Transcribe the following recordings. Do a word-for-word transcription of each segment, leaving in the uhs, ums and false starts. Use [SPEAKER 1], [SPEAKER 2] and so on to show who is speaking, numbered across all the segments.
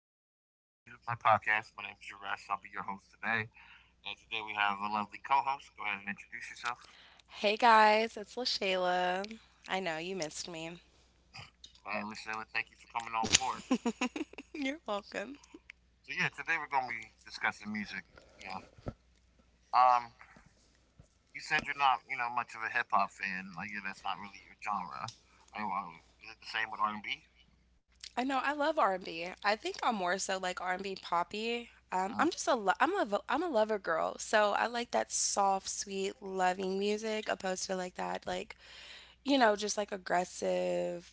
[SPEAKER 1] know, welcome to my podcast. My name is Juresh. I'll be your host today. And today we have a lovely co host. Go ahead and introduce yourself.
[SPEAKER 2] Hey guys, it's LaShayla. I know you missed me.
[SPEAKER 1] Uh, Lucilla, thank you for coming on board.
[SPEAKER 2] You're welcome.
[SPEAKER 1] So, yeah, today we're going to be discussing music. Yeah. Um, you said you're not, you know, much of a hip hop fan. Like, yeah, that's not really your genre. I, well, is it the same with R and B?
[SPEAKER 2] I know I love R and B. I think I'm more so like R and B poppy. Um,
[SPEAKER 1] Uh,
[SPEAKER 2] I'm just a lo- I'm a vo- I'm a lover girl, so I like that soft, sweet, loving music opposed to like that like you know just like aggressive,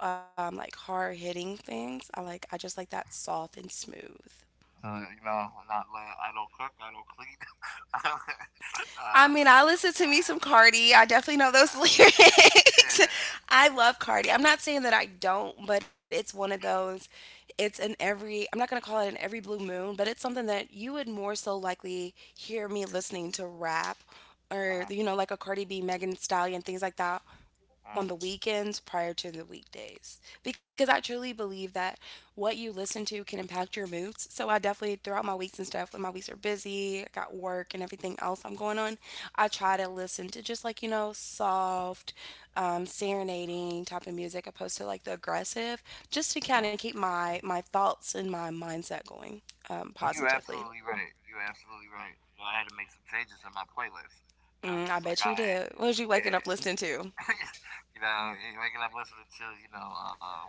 [SPEAKER 2] um, like hard hitting things. I like I just like that soft and smooth.
[SPEAKER 1] uh, you know, not uh, I don't cook, I don't clean. uh,
[SPEAKER 2] I
[SPEAKER 1] uh,
[SPEAKER 2] mean, I listen to me some Cardi. I definitely know those
[SPEAKER 1] yeah, yeah.
[SPEAKER 2] lyrics.
[SPEAKER 1] yeah.
[SPEAKER 2] I love Cardi. I'm not saying that I don't, but it's one of those. It's an every, I'm not going to call it an every blue moon, but it's something that you would more so likely hear me listening to rap or,
[SPEAKER 1] Uh-huh,
[SPEAKER 2] you know, like a Cardi B, Megan Thee Stallion, things like that
[SPEAKER 1] uh,
[SPEAKER 2] on the weekends prior to the weekdays because I truly believe that what you listen to can impact your moods. So I definitely throughout my weeks and stuff when my weeks are busy, I got work and everything else I'm going on, I try to listen to just like you know soft, um, serenading type of music opposed to like the aggressive, just to
[SPEAKER 1] yeah.
[SPEAKER 2] kind of keep my my thoughts and my mindset going um,
[SPEAKER 1] Well, you're
[SPEAKER 2] positively.
[SPEAKER 1] absolutely right. You're absolutely right. You know, I had to make some changes in my playlist. You know,
[SPEAKER 2] Mm, I
[SPEAKER 1] because like
[SPEAKER 2] bet you
[SPEAKER 1] I,
[SPEAKER 2] did. What was you waking
[SPEAKER 1] yeah,
[SPEAKER 2] up listening to?
[SPEAKER 1] you know, and waking up listening to you know, uh,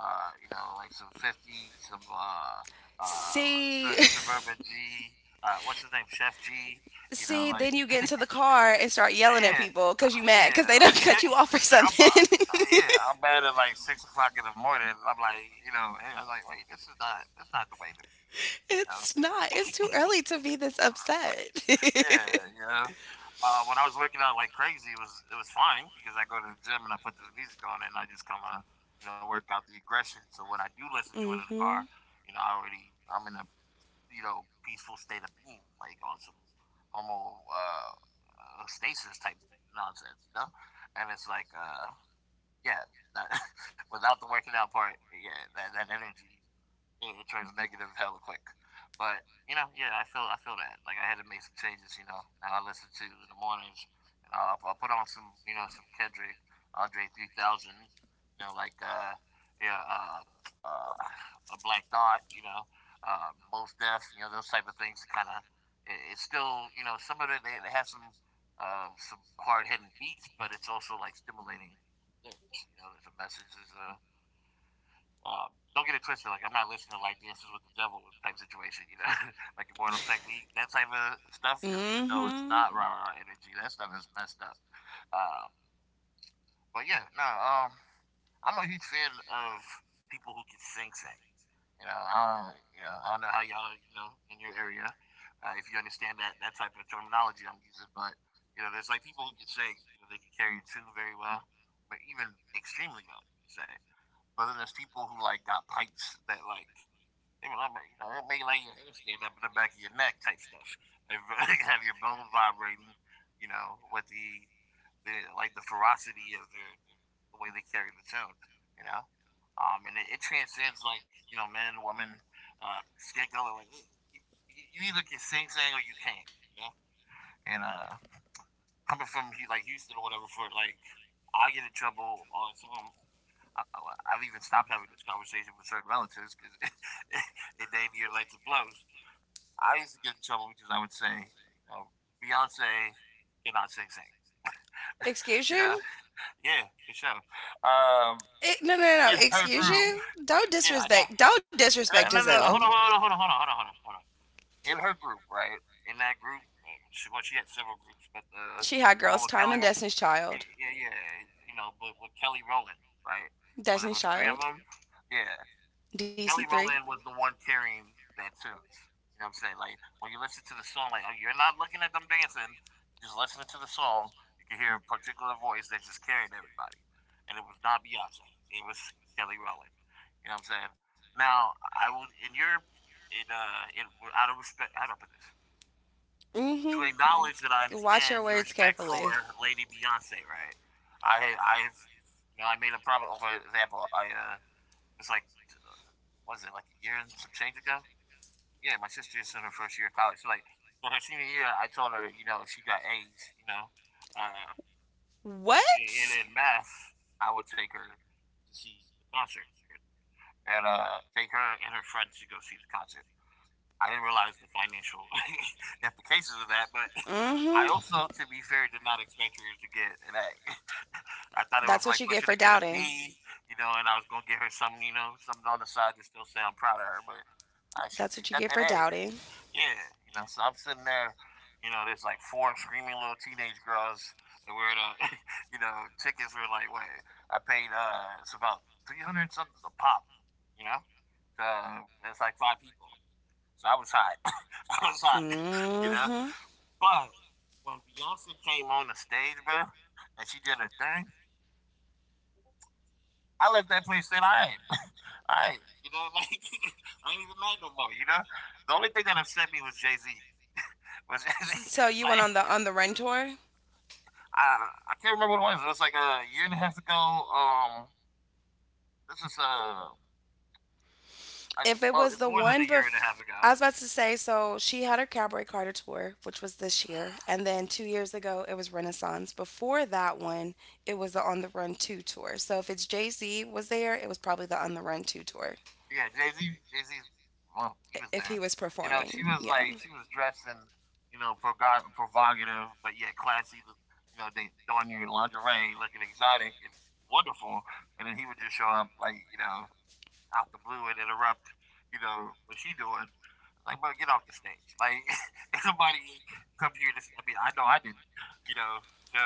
[SPEAKER 1] uh, you know, like some fifty, some uh, uh,
[SPEAKER 2] See,
[SPEAKER 1] Sur- suburban G. Uh, what's his name? Chef G. You know,
[SPEAKER 2] see,
[SPEAKER 1] like
[SPEAKER 2] then you get into the car and start yelling at
[SPEAKER 1] yeah,
[SPEAKER 2] people because you mad
[SPEAKER 1] yeah,
[SPEAKER 2] because they don't
[SPEAKER 1] like,
[SPEAKER 2] cut you off or
[SPEAKER 1] like I'm,
[SPEAKER 2] something.
[SPEAKER 1] uh, yeah, I'm bad at like six o'clock in the morning. I'm like, you know, and I'm like, wait, this is not, that's not the way to be. You know?
[SPEAKER 2] It's not. It's too early to be this upset.
[SPEAKER 1] Yeah, yeah. Uh, when I was working out like crazy, it was it was fine because I go to the gym and I put this music on and I just kind of, you know, work out the aggression. So when I do listen to it in the
[SPEAKER 2] Mm-hmm.
[SPEAKER 1] car, you know, I already, I'm in a, you know, peaceful state of being, like on some homo uh, uh, stasis type nonsense, you know. And it's like, uh, yeah, that, without the working out part, yeah, that, that energy, it turns negative hella quick. But you know, yeah, I feel I feel that. Like I had to make some changes. You know, now I listen to in the mornings. You know, I'll, I'll put on some, you know, some Kendrick, Andre three thousand. You know, like uh yeah, uh, uh, a Black Thought, you know, uh, Most Def. You know, those type of things to kind of. It, it's still, you know, some of it they, they have some, um, some hard hitting beats, but it's also like stimulating lyrics. You know, there's a message, there's a um, don't get it twisted. Like I'm not listening to like Dances with the Devil type situation, you know, like Immortal Technique, that type of stuff. Because even though it's
[SPEAKER 2] Mm-hmm.
[SPEAKER 1] not rah rah energy, that stuff is messed up. Um, but yeah, no, um, I'm a huge fan of people who can sing, sing. You know, I don't, you know, I don't know how y'all, you know, in your area, uh, if you understand that that type of terminology I'm using, but you know, there's like people who can sing. You know, they can carry a tune very well, but even extremely well, you could say. But then there's people who like got pipes that like even, I mean, you know, that may lay your handstand up in the back of your neck type stuff. And have your bones vibrating, you know, with the, the, like, the ferocity of the, the way they carry the tune, you know. Um, and it, it transcends like, you know, man, woman, uh, skin color. Like, you, you either can sing, sing, or you can't, you know. And uh, Coming from like Houston or whatever, for like I get in trouble on some I, have even stopped having this conversation with certain relatives because it damn near led to blows. I used to get in trouble because I would say, you know, Beyonce cannot sing, sing.
[SPEAKER 2] Excuse
[SPEAKER 1] You know,
[SPEAKER 2] you?
[SPEAKER 1] yeah, for sure. Um,
[SPEAKER 2] It, no, no, no, no.
[SPEAKER 1] in her
[SPEAKER 2] Excuse
[SPEAKER 1] group,
[SPEAKER 2] you? Don't
[SPEAKER 1] yeah, I know.
[SPEAKER 2] disrespect. Don't disrespect
[SPEAKER 1] No, no, no,
[SPEAKER 2] Giselle.
[SPEAKER 1] hold on, hold on, hold on, hold on, hold on, hold on. In her group, right? In that group, uh, she, well, she had several groups, but the
[SPEAKER 2] She had
[SPEAKER 1] the one
[SPEAKER 2] Girls
[SPEAKER 1] with
[SPEAKER 2] Time
[SPEAKER 1] Kelly,
[SPEAKER 2] and
[SPEAKER 1] yeah,
[SPEAKER 2] Destiny's Child.
[SPEAKER 1] yeah, yeah, you know, but with Kelly Rowland, right? When there
[SPEAKER 2] Destiny's
[SPEAKER 1] was three of
[SPEAKER 2] Child.
[SPEAKER 1] them, yeah. Kelly
[SPEAKER 2] D C three.
[SPEAKER 1] Rowland was the one carrying that tune. You know what I'm saying? Like when you listen to the song, like oh, you're not looking at them dancing, just listening to the song. You can hear a particular voice that's just carrying everybody, and it was not Beyonce. It was Kelly Rowland. You know what I'm saying? Now I will in your in uh in out of respect, I don't put this to
[SPEAKER 2] Mm-hmm.
[SPEAKER 1] acknowledge that I
[SPEAKER 2] Watch your
[SPEAKER 1] understand your
[SPEAKER 2] words
[SPEAKER 1] respect
[SPEAKER 2] carefully.
[SPEAKER 1] for Lady Beyonce, right? I I've you know I made a problem. For example, I uh it's like, was it like a year and some change ago? Yeah, my sister is in her first year of college. So like for her senior year, I told her, you know, if she got A's, you know, uh, and
[SPEAKER 2] What?
[SPEAKER 1] in math, I would take her to see the concert, and uh, take her and her friends to go see the concert. I didn't realize the financial implications of that, but I
[SPEAKER 2] Mm-hmm.
[SPEAKER 1] also, to be fair, did not expect her to get an A. I thought it was
[SPEAKER 2] That's
[SPEAKER 1] like
[SPEAKER 2] what you
[SPEAKER 1] push her
[SPEAKER 2] get
[SPEAKER 1] to
[SPEAKER 2] for
[SPEAKER 1] get a
[SPEAKER 2] doubting.
[SPEAKER 1] B, you know, and I was gonna give her something, you know, something on the side to still say I'm proud of her, but
[SPEAKER 2] That's
[SPEAKER 1] uh,
[SPEAKER 2] what you
[SPEAKER 1] she
[SPEAKER 2] get
[SPEAKER 1] she
[SPEAKER 2] for
[SPEAKER 1] got that A,
[SPEAKER 2] doubting.
[SPEAKER 1] yeah, you know, so I'm sitting there, you know, there's like four screaming little teenage girls and we're the, you know, tickets were like what I paid, uh it's about three hundred something a pop, you know? So it's like five people. So I was hot. I was hot, you know.
[SPEAKER 2] Mm-hmm.
[SPEAKER 1] But when Beyonce came on the stage, bro, and she did her thing, I left that place saying, all right, all right, you know, like I ain't even mad no more, you know? The only thing that upset me was Jay Z. Was Jay Z,
[SPEAKER 2] So you went
[SPEAKER 1] like
[SPEAKER 2] on the on the run tour?
[SPEAKER 1] I I can't remember what it was. It was like a year and a half ago. Um, this is uh, I,
[SPEAKER 2] If it
[SPEAKER 1] well,
[SPEAKER 2] was
[SPEAKER 1] It's
[SPEAKER 2] the
[SPEAKER 1] more than a
[SPEAKER 2] one
[SPEAKER 1] year and a half
[SPEAKER 2] bef
[SPEAKER 1] ago.
[SPEAKER 2] I was about to say, so she had her Cowboy Carter tour, which was this year, and then two years ago it was Renaissance. Before that one, it was the On the Run two tour. So if it's Jay-Z was there, it was probably the On the Run two tour.
[SPEAKER 1] Yeah, Jay Z, Jay Z, well,
[SPEAKER 2] i-
[SPEAKER 1] he was
[SPEAKER 2] If he
[SPEAKER 1] there.
[SPEAKER 2] was
[SPEAKER 1] You know, she
[SPEAKER 2] performing.
[SPEAKER 1] was
[SPEAKER 2] Yeah.
[SPEAKER 1] like, she was dressed in, you know, proga- provocative, but yet classy. You know, they donning your lingerie, looking exotic and wonderful, and then he would just show up like, you know, out the blue and interrupt, you know, what she doing. Like, bro, get off the stage. Like, somebody come here, this, I mean, I know I didn't, you know. So,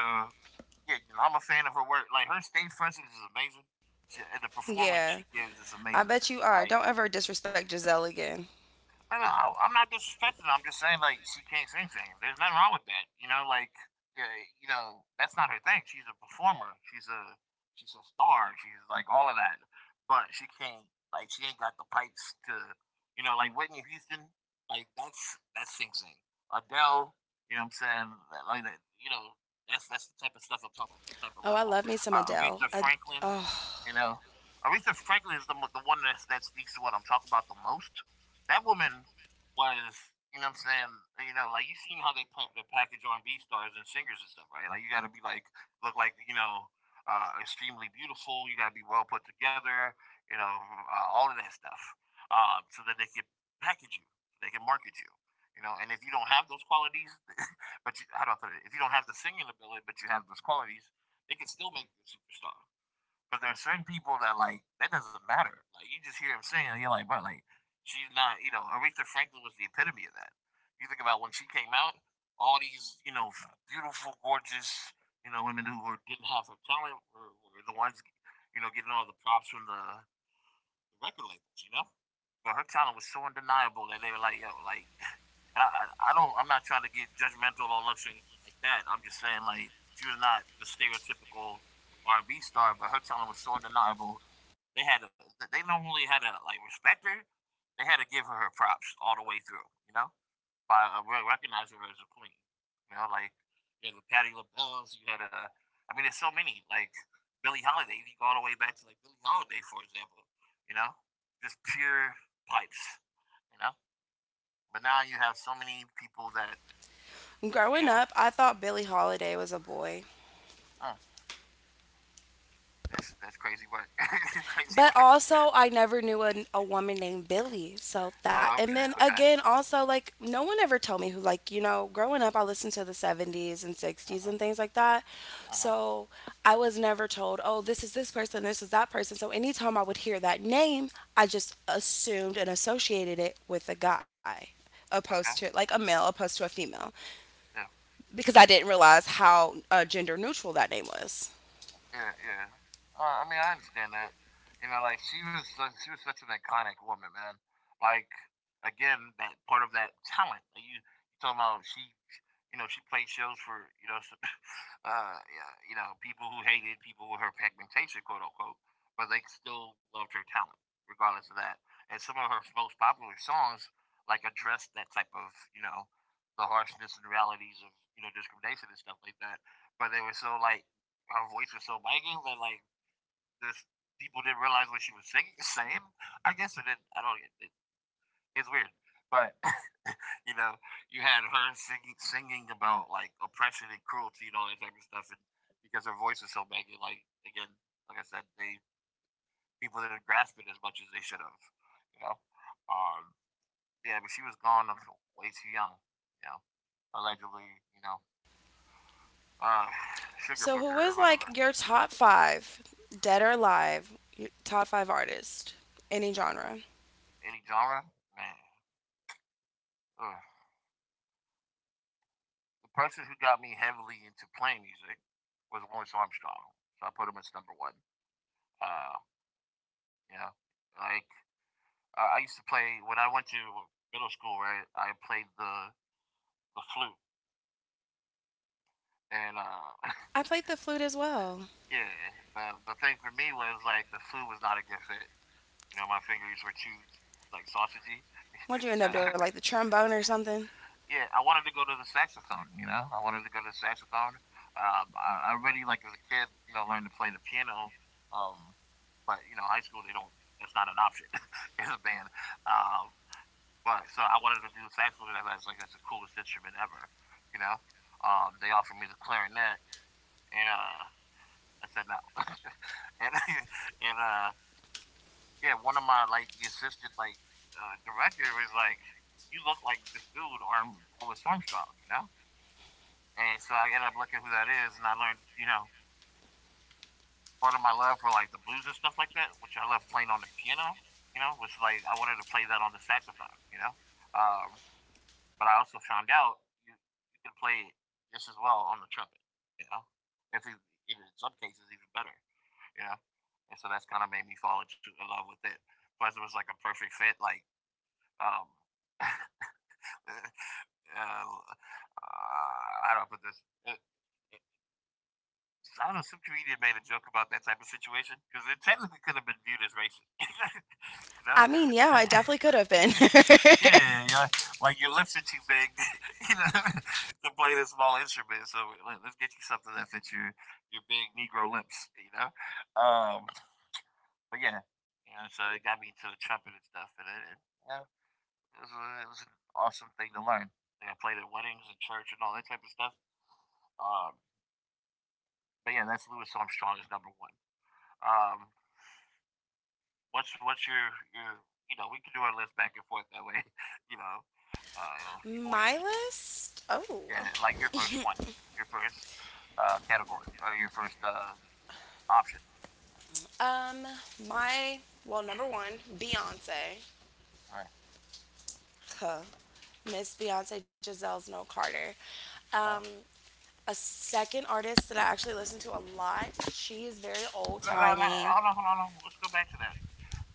[SPEAKER 1] yeah, you know, I'm a fan of her work. Like, her stage presence is amazing. She, and the performance she
[SPEAKER 2] Yeah.
[SPEAKER 1] gives is
[SPEAKER 2] I
[SPEAKER 1] amazing.
[SPEAKER 2] bet you are.
[SPEAKER 1] Like,
[SPEAKER 2] Don't ever disrespect Giselle again.
[SPEAKER 1] no, no, I don't know, I'm not disrespecting her. I'm just saying like she can't sing, sing. There's nothing wrong with that. You know, like yeah, you know that's not her thing. She's a performer. She's a she's a star. She's like all of that, but she can't, like, she ain't got the pipes to, you know, like Whitney Houston. Like that's that's sing sing. Adele. You know what I'm saying? Like- Like that. You know that's that's the type of stuff I'm talking about. That type of
[SPEAKER 2] Oh, I
[SPEAKER 1] level.
[SPEAKER 2] love me some
[SPEAKER 1] Uh,
[SPEAKER 2] Adele.
[SPEAKER 1] Aretha
[SPEAKER 2] Ad-
[SPEAKER 1] Franklin. You
[SPEAKER 2] oh.
[SPEAKER 1] know, Aretha Franklin is the the one that's, that speaks to what I'm talking about the most. That woman was, you know what I'm saying, you know, like you seen how they put the package on R and B stars and singers and stuff, right? Like you gotta be like look like, you know, uh, extremely beautiful, you gotta be well put together, you know, uh, all of that stuff. Uh, so that they can package you, they can market you. You know, and if you don't have those qualities, but you, how do I put it? If you don't have the singing ability, but you have those qualities, they can still make you a superstar. But there are certain people that like that doesn't matter. Like you just hear him sing and you're like, bro, like she's not. You know, Aretha Franklin was the epitome of that. You think about when she came out, all these, you know, beautiful, gorgeous, you know, women who were, didn't have her talent were, were the ones, you know, getting all the props from the the record labels, you know. But her talent was so undeniable that they were like, yo, like, I, I, I don't, I'm not trying to get judgmental or looks or anything like that. I'm just saying, like, she was not the stereotypical R and B star, but her talent was so undeniable. They had, to, they not only had to like respect her, they had to give her her props all the way through, you know, by uh, re- recognize her as a queen. You know, like you had the Patty LaBelle's, you had a, I mean, there's so many like Billie Holiday. If you go all the way back to like Billie Holiday, for example, you know, just pure pipes. You know, but now you have so many people that you
[SPEAKER 2] Growing
[SPEAKER 1] know.
[SPEAKER 2] up, I thought Billie Holiday was a boy.
[SPEAKER 1] Oh, that's that's crazy work. Crazy
[SPEAKER 2] But
[SPEAKER 1] work.
[SPEAKER 2] also, I never knew a, a woman named Billy. So that,
[SPEAKER 1] Oh,
[SPEAKER 2] and
[SPEAKER 1] okay,
[SPEAKER 2] then
[SPEAKER 1] okay.
[SPEAKER 2] again, also, like, no one ever told me who, like, you know, growing up, I listened to the seventies and
[SPEAKER 1] Uh
[SPEAKER 2] sixties
[SPEAKER 1] huh.
[SPEAKER 2] and things like that.
[SPEAKER 1] Uh huh.
[SPEAKER 2] So I was never told, oh, this is this person, this is that person. So anytime I would hear that name, I just assumed and associated it with a guy opposed to,
[SPEAKER 1] Okay.
[SPEAKER 2] like, a male opposed to a female
[SPEAKER 1] Yeah.
[SPEAKER 2] because I didn't realize how uh, gender neutral that name was.
[SPEAKER 1] Yeah, yeah. Well, I mean, I understand that. You know, like she was, su- she was such an iconic woman, man. Like again, that part of that talent. Like, you, you talking about she, you know, she played shows for you know s- uh, yeah, you know, people who hated people with her pigmentation, quote unquote, but they still loved her talent, regardless of that. And some of her most popular songs, like, address that type of, you know, the harshness and realities of, you know, discrimination and stuff like that. But they were so, like, her voice was so biting that, like, this people didn't realize what she was singing, saying. I guess it didn't. I don't. It, it, it's weird, but you know, you had her singing, singing about like oppression and cruelty and all that type of stuff, and because her voice is so baggy, like again, like I said, they people didn't grasp it as much as they should have, you know. Um, yeah, but she was gone way too young, you know, allegedly, you know, uh, sugar
[SPEAKER 2] So, who
[SPEAKER 1] booger or
[SPEAKER 2] is
[SPEAKER 1] whatever.
[SPEAKER 2] like your top five, dead or alive, your top five artists, any genre?
[SPEAKER 1] Any genre, man. Ugh. The person who got me heavily into playing music was Louis Armstrong, so I put him as number one. Uh, you know, like I, I used to play when I went to middle school, right? I played the the flute, and uh,
[SPEAKER 2] I played the flute as well.
[SPEAKER 1] yeah, the, the thing for me was like the flute was not a good fit. You know, my fingers were too like sausagey.
[SPEAKER 2] What'd you
[SPEAKER 1] So
[SPEAKER 2] end up doing? Like the trombone or something?
[SPEAKER 1] yeah, I wanted to go to the saxophone. You know, I wanted to go to the saxophone. Um, I, I already like as a kid, you know, learned to play the piano. Um, but you know, high school they don't. That's not an option in a band. Um, Right. So I wanted to do the saxophone. Because I was like, that's the coolest instrument ever. You know, um, they offered me the clarinet, and uh, I said no. and and uh, yeah, one of my like the assistant like uh, director was like, you look like this dude, Arm Louis Armstrong. You know, and so I ended up looking who that is, and I learned, you know, part of my love for like the blues and stuff like that, which I love playing on the piano. You know, which like I wanted to play that on the saxophone. You know. Um, But I also found out you, you can play just as well on the trumpet, you know? If you, In some cases, even better, you know? And so that's kind of made me fall into in love with it. Plus, it was like a perfect fit. Like, um, uh, uh, I don't know, but this, it, I don't know, some comedian made a joke about that type of situation because it technically could have been viewed as racist, you know?
[SPEAKER 2] I mean, yeah, I definitely could have been.
[SPEAKER 1] Yeah, yeah, like your lips are too big, you know, to play this small instrument. So let, let's get you something that fits your your big Negro lips, you know. Um, but yeah, you know, so it got me into the trumpet and stuff, and it, it you know, it was, a, it was an awesome thing to learn. Like I played at weddings and church and all that type of stuff. Um, but yeah, that's Louis Armstrong is number one. Um, what's what's your your you know we can do our list back and forth that way, you know, uh, if you're more
[SPEAKER 2] My
[SPEAKER 1] interested.
[SPEAKER 2] list? Oh.
[SPEAKER 1] Yeah, like your first one, your first uh, category or your first uh, option.
[SPEAKER 2] Um, my, well, number one, Beyonce.
[SPEAKER 1] All right.
[SPEAKER 2] Huh. Miss Beyonce Giselle's No Carter. Um,
[SPEAKER 1] Uh-huh.
[SPEAKER 2] a second artist that I actually listen to a lot. She is very old
[SPEAKER 1] No, no, no,
[SPEAKER 2] timey.
[SPEAKER 1] hold on, hold on, hold on. Let's go back to that.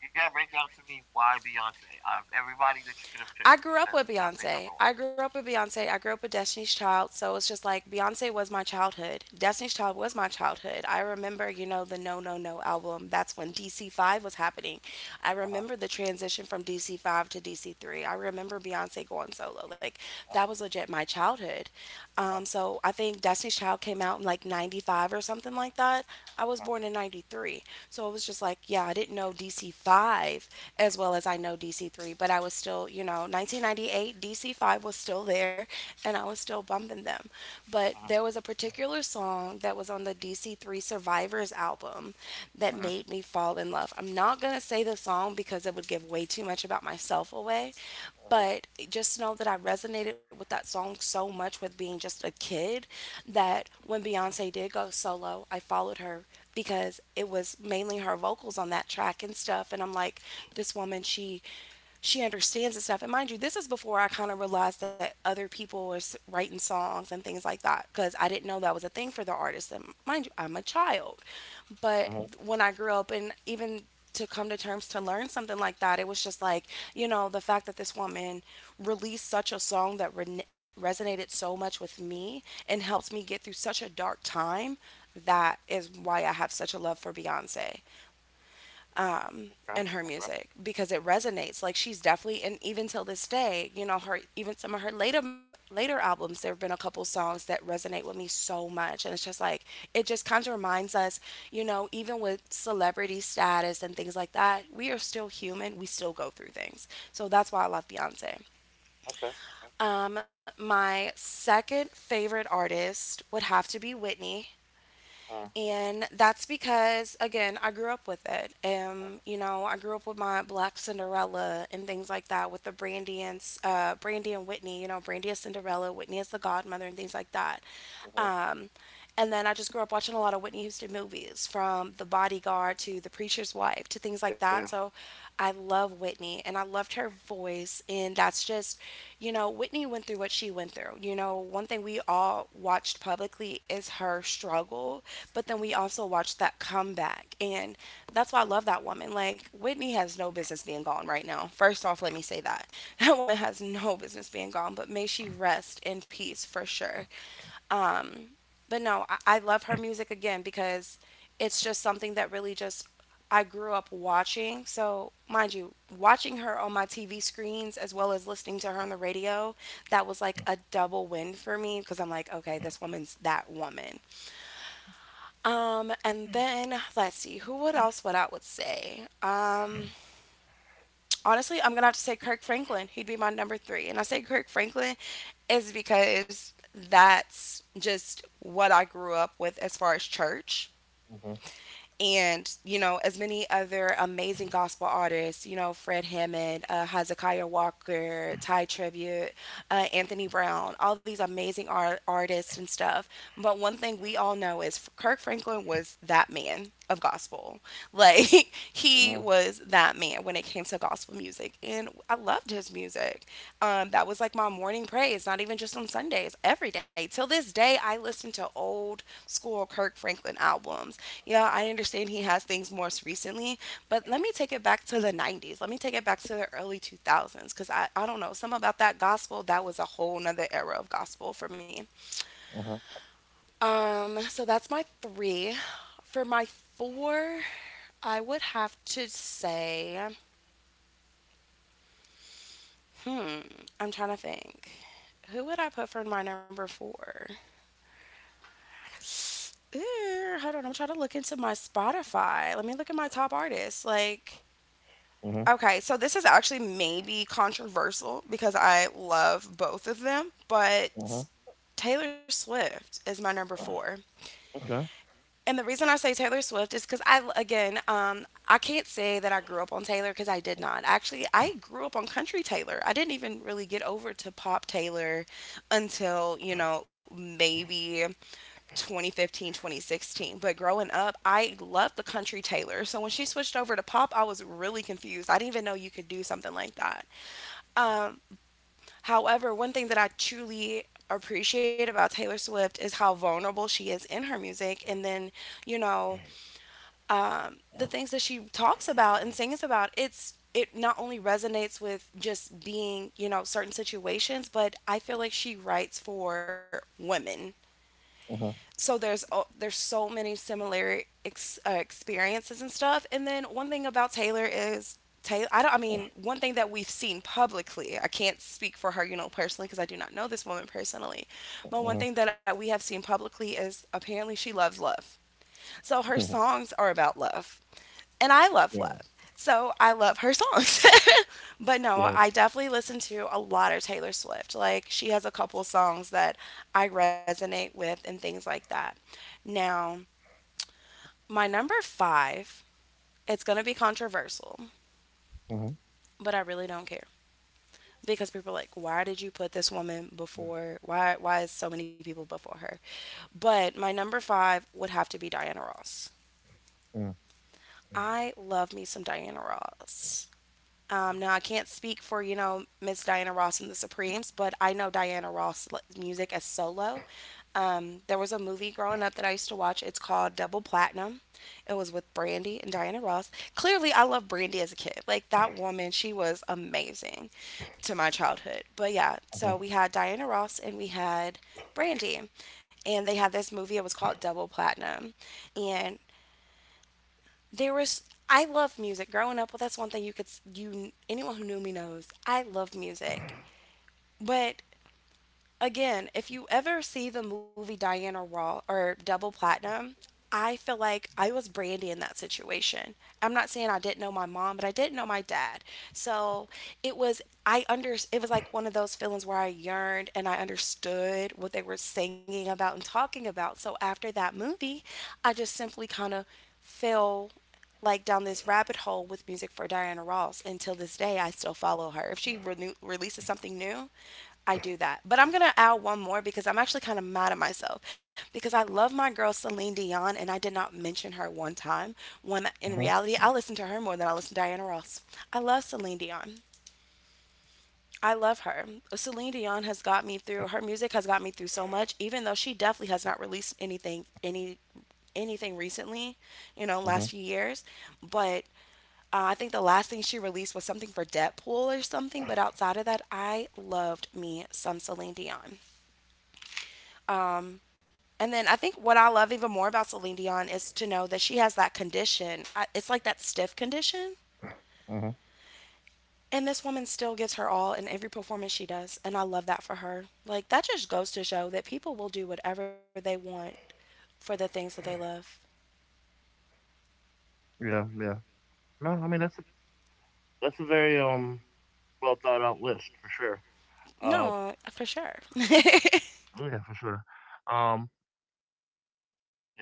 [SPEAKER 1] You gotta break down to me why Beyonce. Out of everybody that you could have picked,
[SPEAKER 2] I
[SPEAKER 1] you
[SPEAKER 2] grew up
[SPEAKER 1] said
[SPEAKER 2] with
[SPEAKER 1] Beyonce
[SPEAKER 2] Beyonce.
[SPEAKER 1] number one.
[SPEAKER 2] I grew up with Beyonce. I grew up with Destiny's Child. So it's just like Beyonce was my childhood. Destiny's Child was my childhood. I remember, you know, the No No No album. That's when D C five was happening. I
[SPEAKER 1] Uh huh.
[SPEAKER 2] remember the transition from D C five to D C three. I remember Beyonce going solo. Like,
[SPEAKER 1] Uh
[SPEAKER 2] that
[SPEAKER 1] huh.
[SPEAKER 2] was legit my childhood. Um, so I think Destiny's Child came out in like ninety-five or something like that. I
[SPEAKER 1] Uh
[SPEAKER 2] was
[SPEAKER 1] huh.
[SPEAKER 2] born in ninety-three. So it was just like, yeah, I didn't know D C five as well as I know know D C three, but I was still, you know, nineteen ninety-eight, D C five was still there and I was still bumping them. But
[SPEAKER 1] Uh
[SPEAKER 2] there was a particular song that was on the D C three Survivors album that
[SPEAKER 1] huh.
[SPEAKER 2] made me fall in love. I'm not going to say the song because it would give way too much about myself away, but just know that I resonated with that song so much with being just a kid that when Beyonce did go solo, I followed her because it was mainly her vocals on that track and stuff. And I'm like, this woman, she she understands and stuff. And mind you, this is before I kind of realized that other people were s- writing songs and things like that because I didn't know that was a thing for the artists. And mind you, I'm a child,
[SPEAKER 1] Uh
[SPEAKER 2] but
[SPEAKER 1] huh.
[SPEAKER 2] when I grew up and even to come to terms to learn something like that. It was just like, you know, the fact that this woman released such a song that re- resonated so much with me and helped me get through such a dark time. That is why I have such a love for Beyonce um,
[SPEAKER 1] Okay.
[SPEAKER 2] in her
[SPEAKER 1] Okay.
[SPEAKER 2] music because it resonates. Like she's definitely, and even till this day, you know, her even some of her later later albums, there have been a couple songs that resonate with me so much, and it's just like it just kind of reminds us, you know, even with celebrity status and things like that, we are still human. We still go through things. So that's why I love Beyonce.
[SPEAKER 1] Okay. Okay.
[SPEAKER 2] Um, my second favorite artist would have to be Whitney.
[SPEAKER 1] Uh huh.
[SPEAKER 2] And that's because, again, I grew up with it. Um, you know, I grew up with my Black Cinderella and things like that with the Brandy and, S- uh, Brandy and Whitney, you know, Brandy as Cinderella, Whitney as the godmother, and things like that.
[SPEAKER 1] Uh huh.
[SPEAKER 2] Um, and then I just grew up watching a lot of Whitney Houston movies, from The Bodyguard to The Preacher's Wife to things like
[SPEAKER 1] Yeah.
[SPEAKER 2] that. So I love Whitney and I loved her voice. And that's just, you know, Whitney went through what she went through. You know, one thing we all watched publicly is her struggle, but then we also watched that comeback. And that's why I love that woman. Like, Whitney has no business being gone right now. First off, let me say that. That woman has no business being gone, but may she rest in peace for sure. Um, but no, I, I love her music again because it's just something that really just I grew up watching. So, mind you, watching her on my T V screens as well as listening to her on the radio, that was like a double win for me because I'm like, okay, this woman's that woman. Um, and then let's see, who what else what I would say. Um, honestly, I'm gonna have to say Kirk Franklin. He'd be my number three. And I say Kirk Franklin is because that's just what I grew up with as far as church.
[SPEAKER 1] Uh huh.
[SPEAKER 2] And, you know, as many other amazing gospel artists, you know, Fred Hammond, uh, Hezekiah Walker, Ty Tribute, uh, Anthony Brown, all these amazing art- artists and stuff. But one thing we all know is Kirk Franklin was that man of gospel. Like, he
[SPEAKER 1] Uh
[SPEAKER 2] was that man when it came to gospel music. And I loved his music. Um, that was like my morning praise, not even just on Sundays, every day. Till this day, I listen to old school Kirk Franklin albums. Yeah, I understand he has things more recently, but let me take it back to the nineties. Let me take it back to the early two thousands because I, I don't know, some about that gospel, that was a whole nother era of gospel for me.
[SPEAKER 1] huh.
[SPEAKER 2] Um, so that's my three. For my four, I would have to say, hmm, I'm trying to think. Who would I put for my number four? Ew, hold on, I'm trying to look into my Spotify. Let me look at my top artists. Like,
[SPEAKER 1] Uh huh.
[SPEAKER 2] okay, so this is actually maybe controversial because I love both of them,
[SPEAKER 1] Uh huh.
[SPEAKER 2] but Taylor Swift is my number four.
[SPEAKER 1] Okay.
[SPEAKER 2] And the reason I say Taylor Swift is because I, again, um, I can't say that I grew up on Taylor because I did not. Actually, I grew up on country Taylor. I didn't even really get over to pop Taylor until, you know, maybe twenty fifteen, twenty sixteen. But growing up, I loved the country Taylor. So when she switched over to pop, I was really confused. I didn't even know you could do something like that. Um, however, one thing that I truly appreciate about Taylor Swift is how vulnerable she is in her music. And then, you know, um, the things that she talks about and sings about, it's it not only resonates with just being, you know, certain situations, but I feel like she writes for women,
[SPEAKER 1] Uh huh.
[SPEAKER 2] so there's o- there's so many similar ex- uh, experiences and stuff. And then one thing about Taylor is Taylor. I don't. I mean, one thing that we've seen publicly. I can't speak for her, you know, personally because I do not know this woman personally. But one
[SPEAKER 1] Uh
[SPEAKER 2] thing that we have seen publicly is apparently she loves love. So her
[SPEAKER 1] huh.
[SPEAKER 2] songs are about love, and I love
[SPEAKER 1] Yeah.
[SPEAKER 2] love. So I love her songs. But no,
[SPEAKER 1] Yeah.
[SPEAKER 2] I definitely listen to a lot of Taylor Swift. Like she has a couple songs that I resonate with and things like that. Now, my number five, it's going to be controversial,
[SPEAKER 1] Uh huh.
[SPEAKER 2] but I really don't care because people are like, "Why did you put this woman before? Why why is so many people before her?" But my number five would have to be Diana Ross.
[SPEAKER 1] Uh huh.
[SPEAKER 2] I love me some Diana Ross. Um, now I can't speak for, you know, Miss Diana Ross and the Supremes, but I know Diana Ross l- music as solo. Um, there was a movie growing up that I used to watch. It's called Double Platinum. It was with Brandy and Diana Ross. Clearly, I loved Brandy as a kid. Like that woman, she was amazing to my childhood. But yeah,
[SPEAKER 1] Uh
[SPEAKER 2] so we had Diana Ross and we had Brandy, and they had this movie. It was called Double Platinum, and there was I love music. Growing up, well, that's one thing you could s- you anyone who knew me knows. I love music. But again, if you ever see the movie Diana Raw or Double Platinum, I feel like I was Brandy in that situation. I'm not saying I didn't know my mom, but I didn't know my dad. So it was I under it was like one of those feelings where I yearned and I understood what they were singing about and talking about. So after that movie, I just simply kind of fell, like, down this rabbit hole with music for Diana Ross. Until this day, I still follow her. If she renew releases something new, I do that. But I'm gonna add one more because I'm actually kind of mad at myself because I love my girl Celine Dion and I did not mention her one time, when in
[SPEAKER 1] huh.
[SPEAKER 2] reality, I listen to her more than I listen to Diana Ross. I love Celine Dion. I love her. Celine Dion has got me through. Her music has got me through so much, even though she definitely has not released anything any anything recently, you know,
[SPEAKER 1] Uh huh.
[SPEAKER 2] last few
[SPEAKER 1] Uh
[SPEAKER 2] years. But uh, I think the last thing she released was something for Deadpool or something, but outside of that, I loved me some Celine Dion. Um, and then I think what I love even more about Celine Dion is to know that she has that condition. I, it's like that stiff condition.
[SPEAKER 1] huh.
[SPEAKER 2] And this woman still gives her all in every performance she does. And I love that for her. Like, that just goes to show that people will do whatever they want for the things that they love.
[SPEAKER 1] Yeah, yeah. No, I mean that's a that's a very um well thought out list for sure. Uh,
[SPEAKER 2] No, for sure.
[SPEAKER 1] oh, yeah, for sure. Um,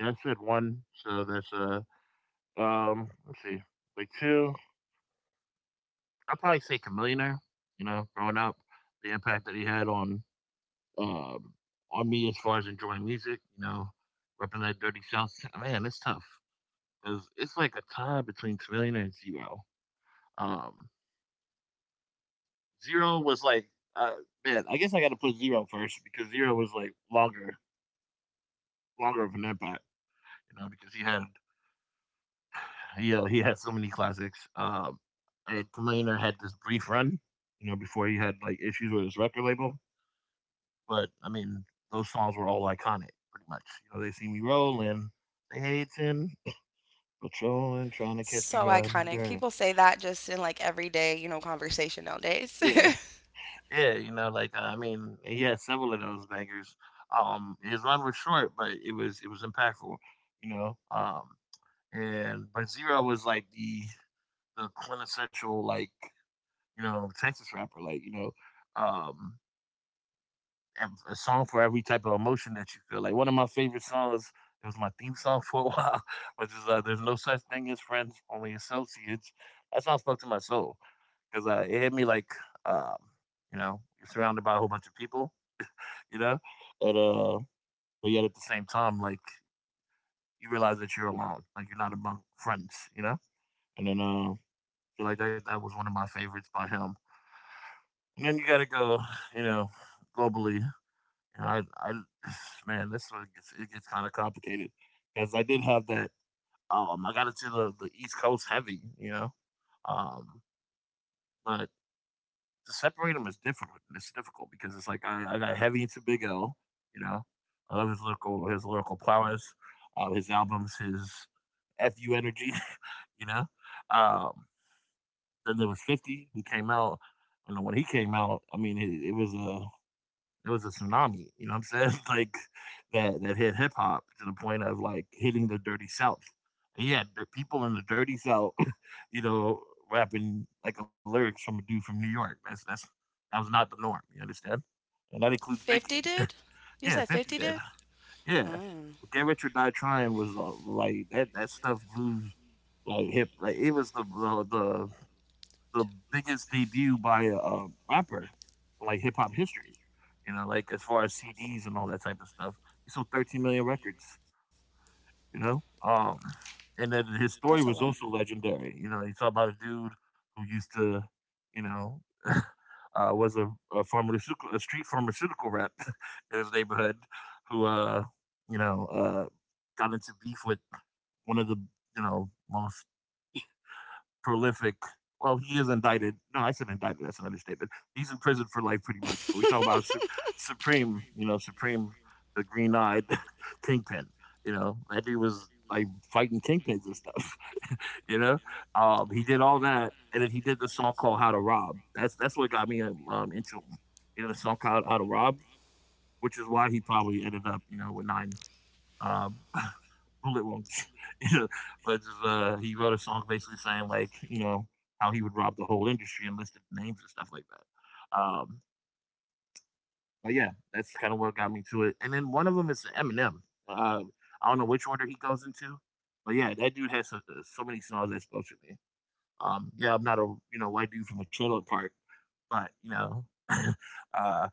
[SPEAKER 1] yeah, that's it. One, so that's uh um let's see, like two. I'd probably say Chameleonaire. You know, growing up, the impact that he had on um on me as far as enjoying music. You know, repping that dirty south. Man, it's tough because it's like a tie between Chameleonaire and Zero. Um, Zero was like, uh, man, I guess I got to put Zero first because Zero was like longer, longer of an impact, you know, because he had, you know, he had so many classics. Um, and Kamalainer had this brief run, you know, before he had like issues with his record label. But I mean, those songs were all iconic, pretty much. You know, they see me rolling, they hating, patrolling, trying to catch me
[SPEAKER 2] So
[SPEAKER 1] riding
[SPEAKER 2] iconic.
[SPEAKER 1] dirty.
[SPEAKER 2] People say that just in like everyday, you know, conversation nowadays.
[SPEAKER 1] Yeah, yeah, you know, like uh, I mean, he had several of those bangers. Um, his run was short, but it was it was impactful, you know. Um, and but Zero was like the the quintessential like you know Texas rapper, like you know, um, and a song for every type of emotion that you feel. Like one of my favorite songs, it was my theme song for a while, which is uh, "There's no such thing as friends, only associates." That song spoke to my soul because uh, it hit me like um, you know, you're surrounded by a whole bunch of people, you know? And uh But yet at the same time, like you realize that you're alone. Like you're not among friends, you know? And then uh feel like that, that was one of my favorites by him. And then you gotta go, you know, globally. And I I man, this one gets it gets kinda complicated. Because I did have that um I got into the, the East Coast heavy, you know. Um but to separate them is difficult. It's difficult because it's like I, I got heavy into Big L. You know, I love his lyrical his lyrical prowess, uh, his albums, his fu energy. You know, um, then there was Fifty who came out. You know, when he came out, I mean, it, it was a uh, it was a tsunami, you know what I'm saying? Like that that hit hip hop to the point of like hitting the dirty south. And yeah, the people in the dirty south, you know, rapping like the lyrics from a dude from New York. That's that's that was not the norm, you understand? And that includes
[SPEAKER 2] fifty
[SPEAKER 1] Biggie.
[SPEAKER 2] did? You
[SPEAKER 1] Yeah,
[SPEAKER 2] said
[SPEAKER 1] fifty
[SPEAKER 2] fifty
[SPEAKER 1] did.
[SPEAKER 2] did?
[SPEAKER 1] Yeah.
[SPEAKER 2] Mm,
[SPEAKER 1] But Get Rich or Die Trying was uh, like that that stuff blew like hip like it was the the, the the biggest debut by a, a rapper, in, like hip hop history. You know, like as far as C Ds and all that type of stuff. He sold thirteen million records. You know, um, and then his story
[SPEAKER 2] that's a
[SPEAKER 1] was
[SPEAKER 2] lot.
[SPEAKER 1] also legendary. You know, you talk about a dude who used to, you know, uh, was a, a pharmaceutical, a street pharmaceutical rep in his neighborhood, who, uh, you know, uh, got into beef with one of the, you know, most prolific. Well, he is indicted. No, I said indicted. That's an understatement. He's in prison for life, pretty much. But we talk about Sup- Supreme, you know, Supreme, the green-eyed kingpin. You know, that dude was like fighting kingpins and stuff. You know, um, he did all that, and then he did the song called "How to Rob." That's that's what got me um, into him. You know, the song called "How to Rob," which is why he probably ended up, you know, with nine uh, bullet wounds. you know, but uh, he wrote a song basically saying like, you know, how he would rob the whole industry and listed names and stuff like that. Um, but yeah, that's kind of what got me to it. And then one of them is Eminem. Uh, I don't know which order he goes into, but yeah, that dude has so, so many songs that spoke to me. Um, yeah, I'm not a you know white dude from a trailer park, but you know, uh,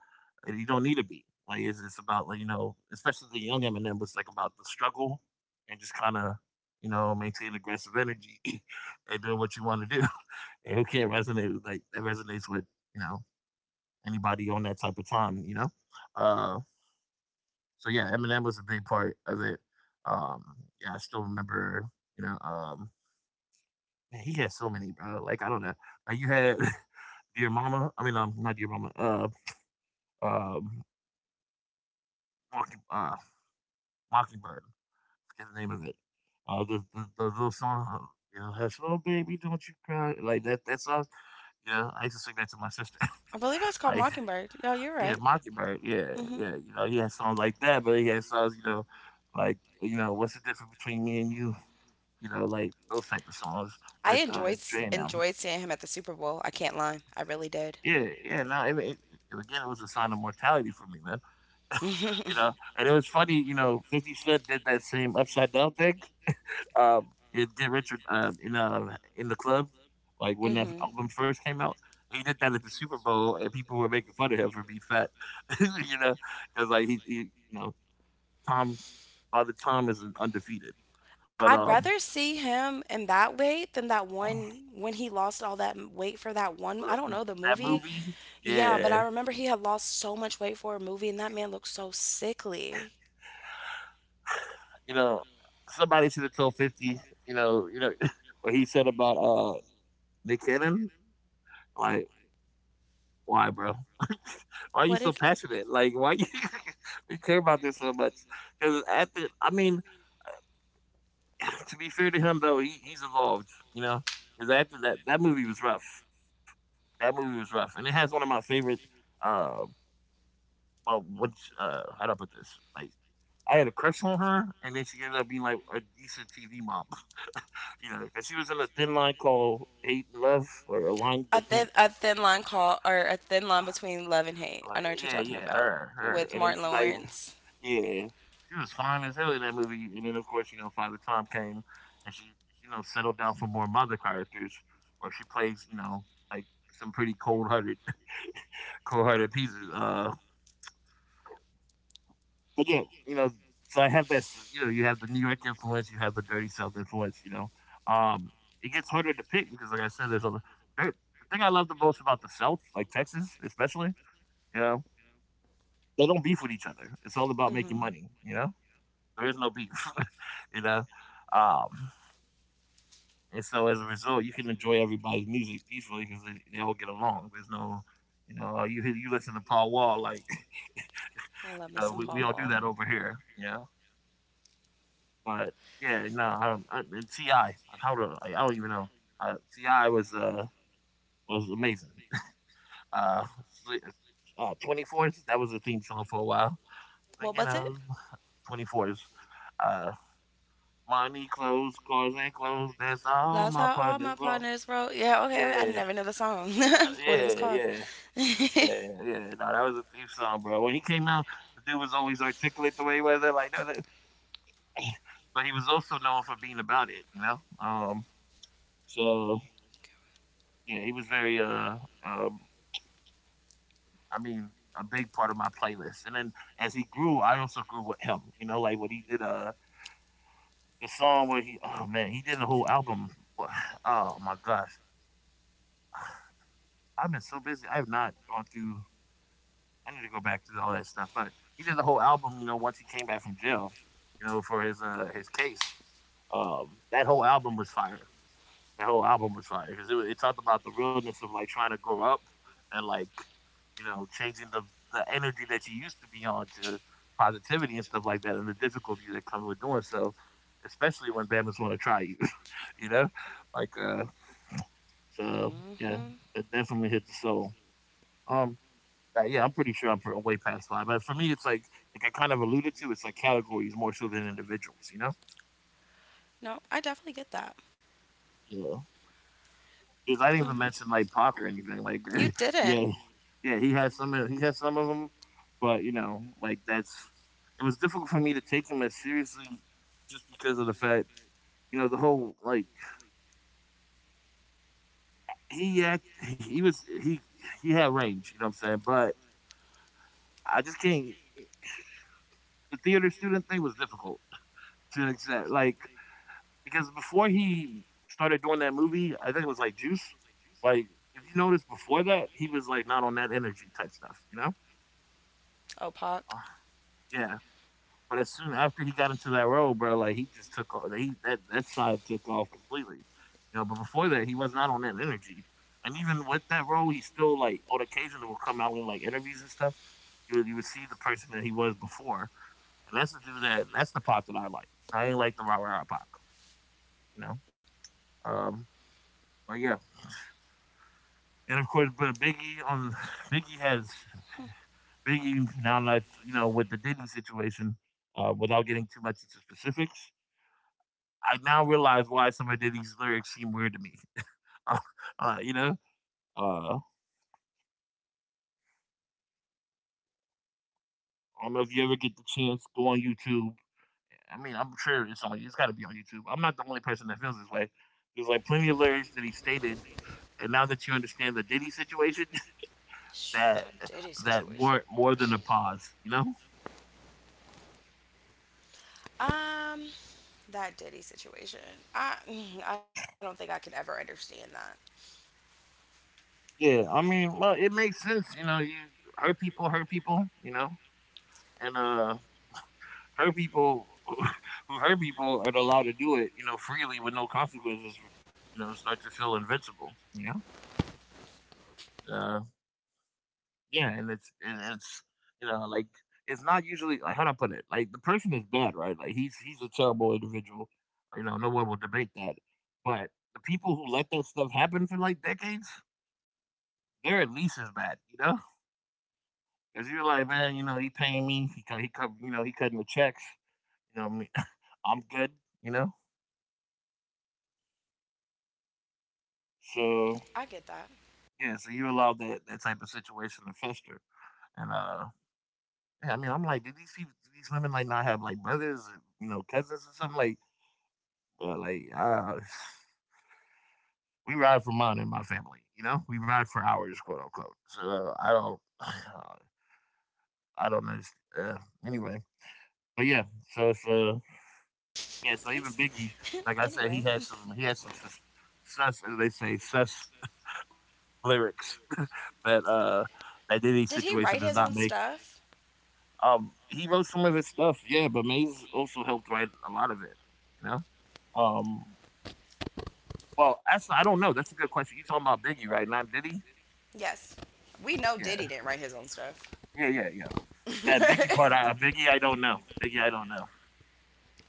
[SPEAKER 1] you don't need to be. Like it's it's about, like you know, especially the young Eminem was like about the struggle and just kind of you know maintain aggressive energy and do what you want to do. And who can't resonate with, like that resonates with you know anybody on that type of time. You know, uh, so yeah, Eminem was a big part of it. Um, yeah, I still remember. You know, um, Man, he had so many, bro. Like I don't know, like you had. Dear Mama. I mean, um, not Dear Mama. Uh, um, Mocky uh, Mockingbird. I forget the name of it. Uh, the, the, the little song, uh, you know, hush, little baby, don't you cry. Like that, that song. Yeah, I used to sing that to my sister.
[SPEAKER 2] I believe that's
[SPEAKER 1] Like,
[SPEAKER 2] called Mockingbird. Yo, you're
[SPEAKER 1] yeah,
[SPEAKER 2] right.
[SPEAKER 1] Mockingbird. Yeah,
[SPEAKER 2] Hmm.
[SPEAKER 1] yeah. You know, he had songs like that, but he had songs, you know, like, you know, what's the difference between me and you? You know, like those type of songs
[SPEAKER 2] I
[SPEAKER 1] with uh,
[SPEAKER 2] enjoyed
[SPEAKER 1] Dre and them.
[SPEAKER 2] Enjoyed seeing him at the Super Bowl. I can't lie. I really did.
[SPEAKER 1] Yeah, yeah. No, it, it, it- again, it was a sign of mortality for me, man. You know, and it was funny. You know, Fifty Cent did that same upside down thing um, in Get Richard, um, in uh, in the club, like when that
[SPEAKER 2] Hmm.
[SPEAKER 1] album first came out. He did that at the Super Bowl, and people were making fun of him for being fat, you know, because like he, he, you know, Tom, Father Tom is undefeated. But
[SPEAKER 2] I'd
[SPEAKER 1] um,
[SPEAKER 2] rather see him in that way than that one when he lost all that m- weight for that one. I don't know the
[SPEAKER 1] that
[SPEAKER 2] movie.
[SPEAKER 1] movie,
[SPEAKER 2] Yeah, but I
[SPEAKER 1] yeah,
[SPEAKER 2] remember he had lost so much weight for a movie, and that man looked so sickly.
[SPEAKER 1] you know, somebody should have told Fifty, you know, you know, what he said about uh Nick Cannon, like, why, bro? Why are you
[SPEAKER 2] What
[SPEAKER 1] so
[SPEAKER 2] did
[SPEAKER 1] passionate? Like, why you, you care about this so much? Because after, I mean, to be fair to him though, he, he's evolved. You know, because after that, that movie was rough. That movie was rough, and it has one of my favorite. Uh, well, which, uh, how do I put this? Like, I had a crush on her, and then she ended up being like a decent T V mom. You know, because she was in a thin line called Hate and Love, or a line
[SPEAKER 2] a
[SPEAKER 1] the
[SPEAKER 2] thin
[SPEAKER 1] thin.
[SPEAKER 2] a thin line call or a thin line between love and hate. I
[SPEAKER 1] Like,
[SPEAKER 2] know what you're
[SPEAKER 1] yeah,
[SPEAKER 2] talking
[SPEAKER 1] yeah,
[SPEAKER 2] about.
[SPEAKER 1] her, her,
[SPEAKER 2] With
[SPEAKER 1] and then
[SPEAKER 2] Martin
[SPEAKER 1] she like.
[SPEAKER 2] Lawrence.
[SPEAKER 1] Yeah. She was fine as hell in that movie, and then of course, you know, Father Tom came and she, you know, settled down for more mother characters where she plays, you know, like some pretty cold hearted, cold hearted pieces. Uh but yeah, you know, so I have that s- you know, you have the New York influence, you have the dirty South influence, you know. Um it gets harder to pick because, like I said, there's a there, the thing I love the most about the South, like Texas especially, you know, they don't beef with each other. It's all about making
[SPEAKER 2] Hmm.
[SPEAKER 1] money, you know? There is no beef, you know. Um And so as a result, you can enjoy everybody's music peacefully because they, they all get along. There's no, you know, uh, you you listen to Paul Wall, like,
[SPEAKER 2] Love me
[SPEAKER 1] you know,
[SPEAKER 2] some
[SPEAKER 1] we,
[SPEAKER 2] Paul
[SPEAKER 1] we all do
[SPEAKER 2] Wall.
[SPEAKER 1] that over here, you know. But yeah, no, I, I, and Ti, like, how do I, like, I don't even know. Uh, Ti was uh was amazing. Uh, Sli- uh, Twenty Fours, that was a theme song for a while. So
[SPEAKER 2] What
[SPEAKER 1] you
[SPEAKER 2] was it?
[SPEAKER 1] know, Twenty Fours, uh, money, clothes, cars, and clothes. That's
[SPEAKER 2] That's
[SPEAKER 1] all
[SPEAKER 2] how
[SPEAKER 1] my
[SPEAKER 2] all my
[SPEAKER 1] partners, bro.
[SPEAKER 2] partners roll. Yeah, okay. Okay. I
[SPEAKER 1] Yeah,
[SPEAKER 2] never knew the song. What it
[SPEAKER 1] yeah,
[SPEAKER 2] was called.
[SPEAKER 1] yeah. Yeah, yeah, no, that was a theme song, bro. When he came out, the dude was always articulate the way he was. Like, no, no. But he was also known for being about it, you know. Um, so yeah, he was very, uh, um, I mean, a big part of my playlist. And then as he grew, I also grew with him, you know, like when he did uh the song where he, oh man, he did a whole album. Oh my gosh, I've been so busy. I have not gone through. I need to go back through all that stuff. But he did the whole album, you know, once he came back from jail, you know, for his uh his case. Um, that whole album was fire. That whole album was fire because it, it talked about the realness of like trying to grow up and like you know changing the the energy that you used to be on to positivity and stuff like that, and the difficulty that comes with doing so, especially when Bama's want to try you, you know, like, uh, so yeah,
[SPEAKER 2] Hmm.
[SPEAKER 1] it definitely hit the soul. Um, uh, yeah, I'm pretty sure I'm pr- way past five. But for me, it's like like I kind of alluded to. It's like categories more so than individuals. You know?
[SPEAKER 2] No, I definitely get that.
[SPEAKER 1] Yeah. Because I didn't even
[SPEAKER 2] Mm.
[SPEAKER 1] mention like Pac or anything. Like,
[SPEAKER 2] You
[SPEAKER 1] yeah,
[SPEAKER 2] didn't.
[SPEAKER 1] yeah, he has some. He has some of them, but you know, like that's it was difficult for me to take him as seriously just because of the fact, you know, the whole like he act he was he he had range. You know what I'm saying? But I just can't. The theater student thing was difficult to accept. Like, because before he started doing that movie, I think it was like Juice. Like, if you notice before that, he was like not on that energy type stuff, you know?
[SPEAKER 2] Oh,
[SPEAKER 1] Uh,
[SPEAKER 2] Pac.
[SPEAKER 1] Yeah. But as soon after he got into that role, bro, like he just took off. He that That side took off completely, you know. But before that, he was not on that energy. And even with that role, he still, like on occasion, will come out in like interviews and stuff. You would, you would see the person that he was before, and that's the dude that that's the pop that I like. I ain't like the rah rah pop, you know. Um, but yeah, and of course, but Biggie on Biggie has Biggie now, like you know, with the Diddy situation, uh, without getting too much into specifics, I now realize why some of Diddy's lyrics seem weird to me. uh, uh, you know, uh, I don't know if you ever get the chance, go on YouTube. I mean, I'm sure it's on. It's got to be on YouTube. I'm not the only person that feels this way. There's like plenty of lyrics that he stated, and now that you understand the Diddy situation,
[SPEAKER 2] Shh,
[SPEAKER 1] that
[SPEAKER 2] that Diddy
[SPEAKER 1] that
[SPEAKER 2] situation.
[SPEAKER 1] warrant more than a pause. You know.
[SPEAKER 2] Um, that Diddy situation. I mm, I don't think I could ever understand that.
[SPEAKER 1] Yeah, I mean, well, it makes sense, you know. You hurt people, hurt people, you know, and uh, hurt people who hurt people are allowed to do it, you know, freely with no consequences. You know, start to feel invincible. You know, uh, yeah, and it's and it's you know like it's not usually, like, how do I put it? Like, the person is bad, right? Like, he's he's a terrible individual. You know, no one will debate that. But the people who let that stuff happen for like decades, they're at least as bad. You know. Cause you're like, man, you know, he paying me. He cut, he cut, you know, he cutting the checks. You know what I mean? I'm good. You know, so
[SPEAKER 2] I get that.
[SPEAKER 1] yeah, so you allow that that type of situation to fester. And uh, yeah, I mean, I'm like, did these people, do these women like not have like brothers, or, you know, cousins or something like? But like, uh, we ride for mine in my family. You know, we ride for hours, quote unquote. So, uh, I don't, I don't know. Uh, anyway, but yeah, so it's uh, yeah, so
[SPEAKER 2] He's
[SPEAKER 1] even Biggie, like I said,
[SPEAKER 2] Anyway.
[SPEAKER 1] he had some he had some sus, sus as they say sus lyrics that uh that Diddy
[SPEAKER 2] Did
[SPEAKER 1] situation
[SPEAKER 2] he
[SPEAKER 1] does
[SPEAKER 2] write
[SPEAKER 1] not
[SPEAKER 2] his
[SPEAKER 1] make.
[SPEAKER 2] own stuff?
[SPEAKER 1] Um, he wrote some of his stuff, yeah, but Maze also helped write a lot of it. You know, um, well, that's I don't know. That's a good question. You talking about Biggie, right? Not Diddy?
[SPEAKER 2] Yes. We know Diddy
[SPEAKER 1] Yeah,
[SPEAKER 2] didn't write his own stuff.
[SPEAKER 1] yeah, yeah, yeah. That Biggie part, I, Biggie, I don't know. Biggie, I don't know.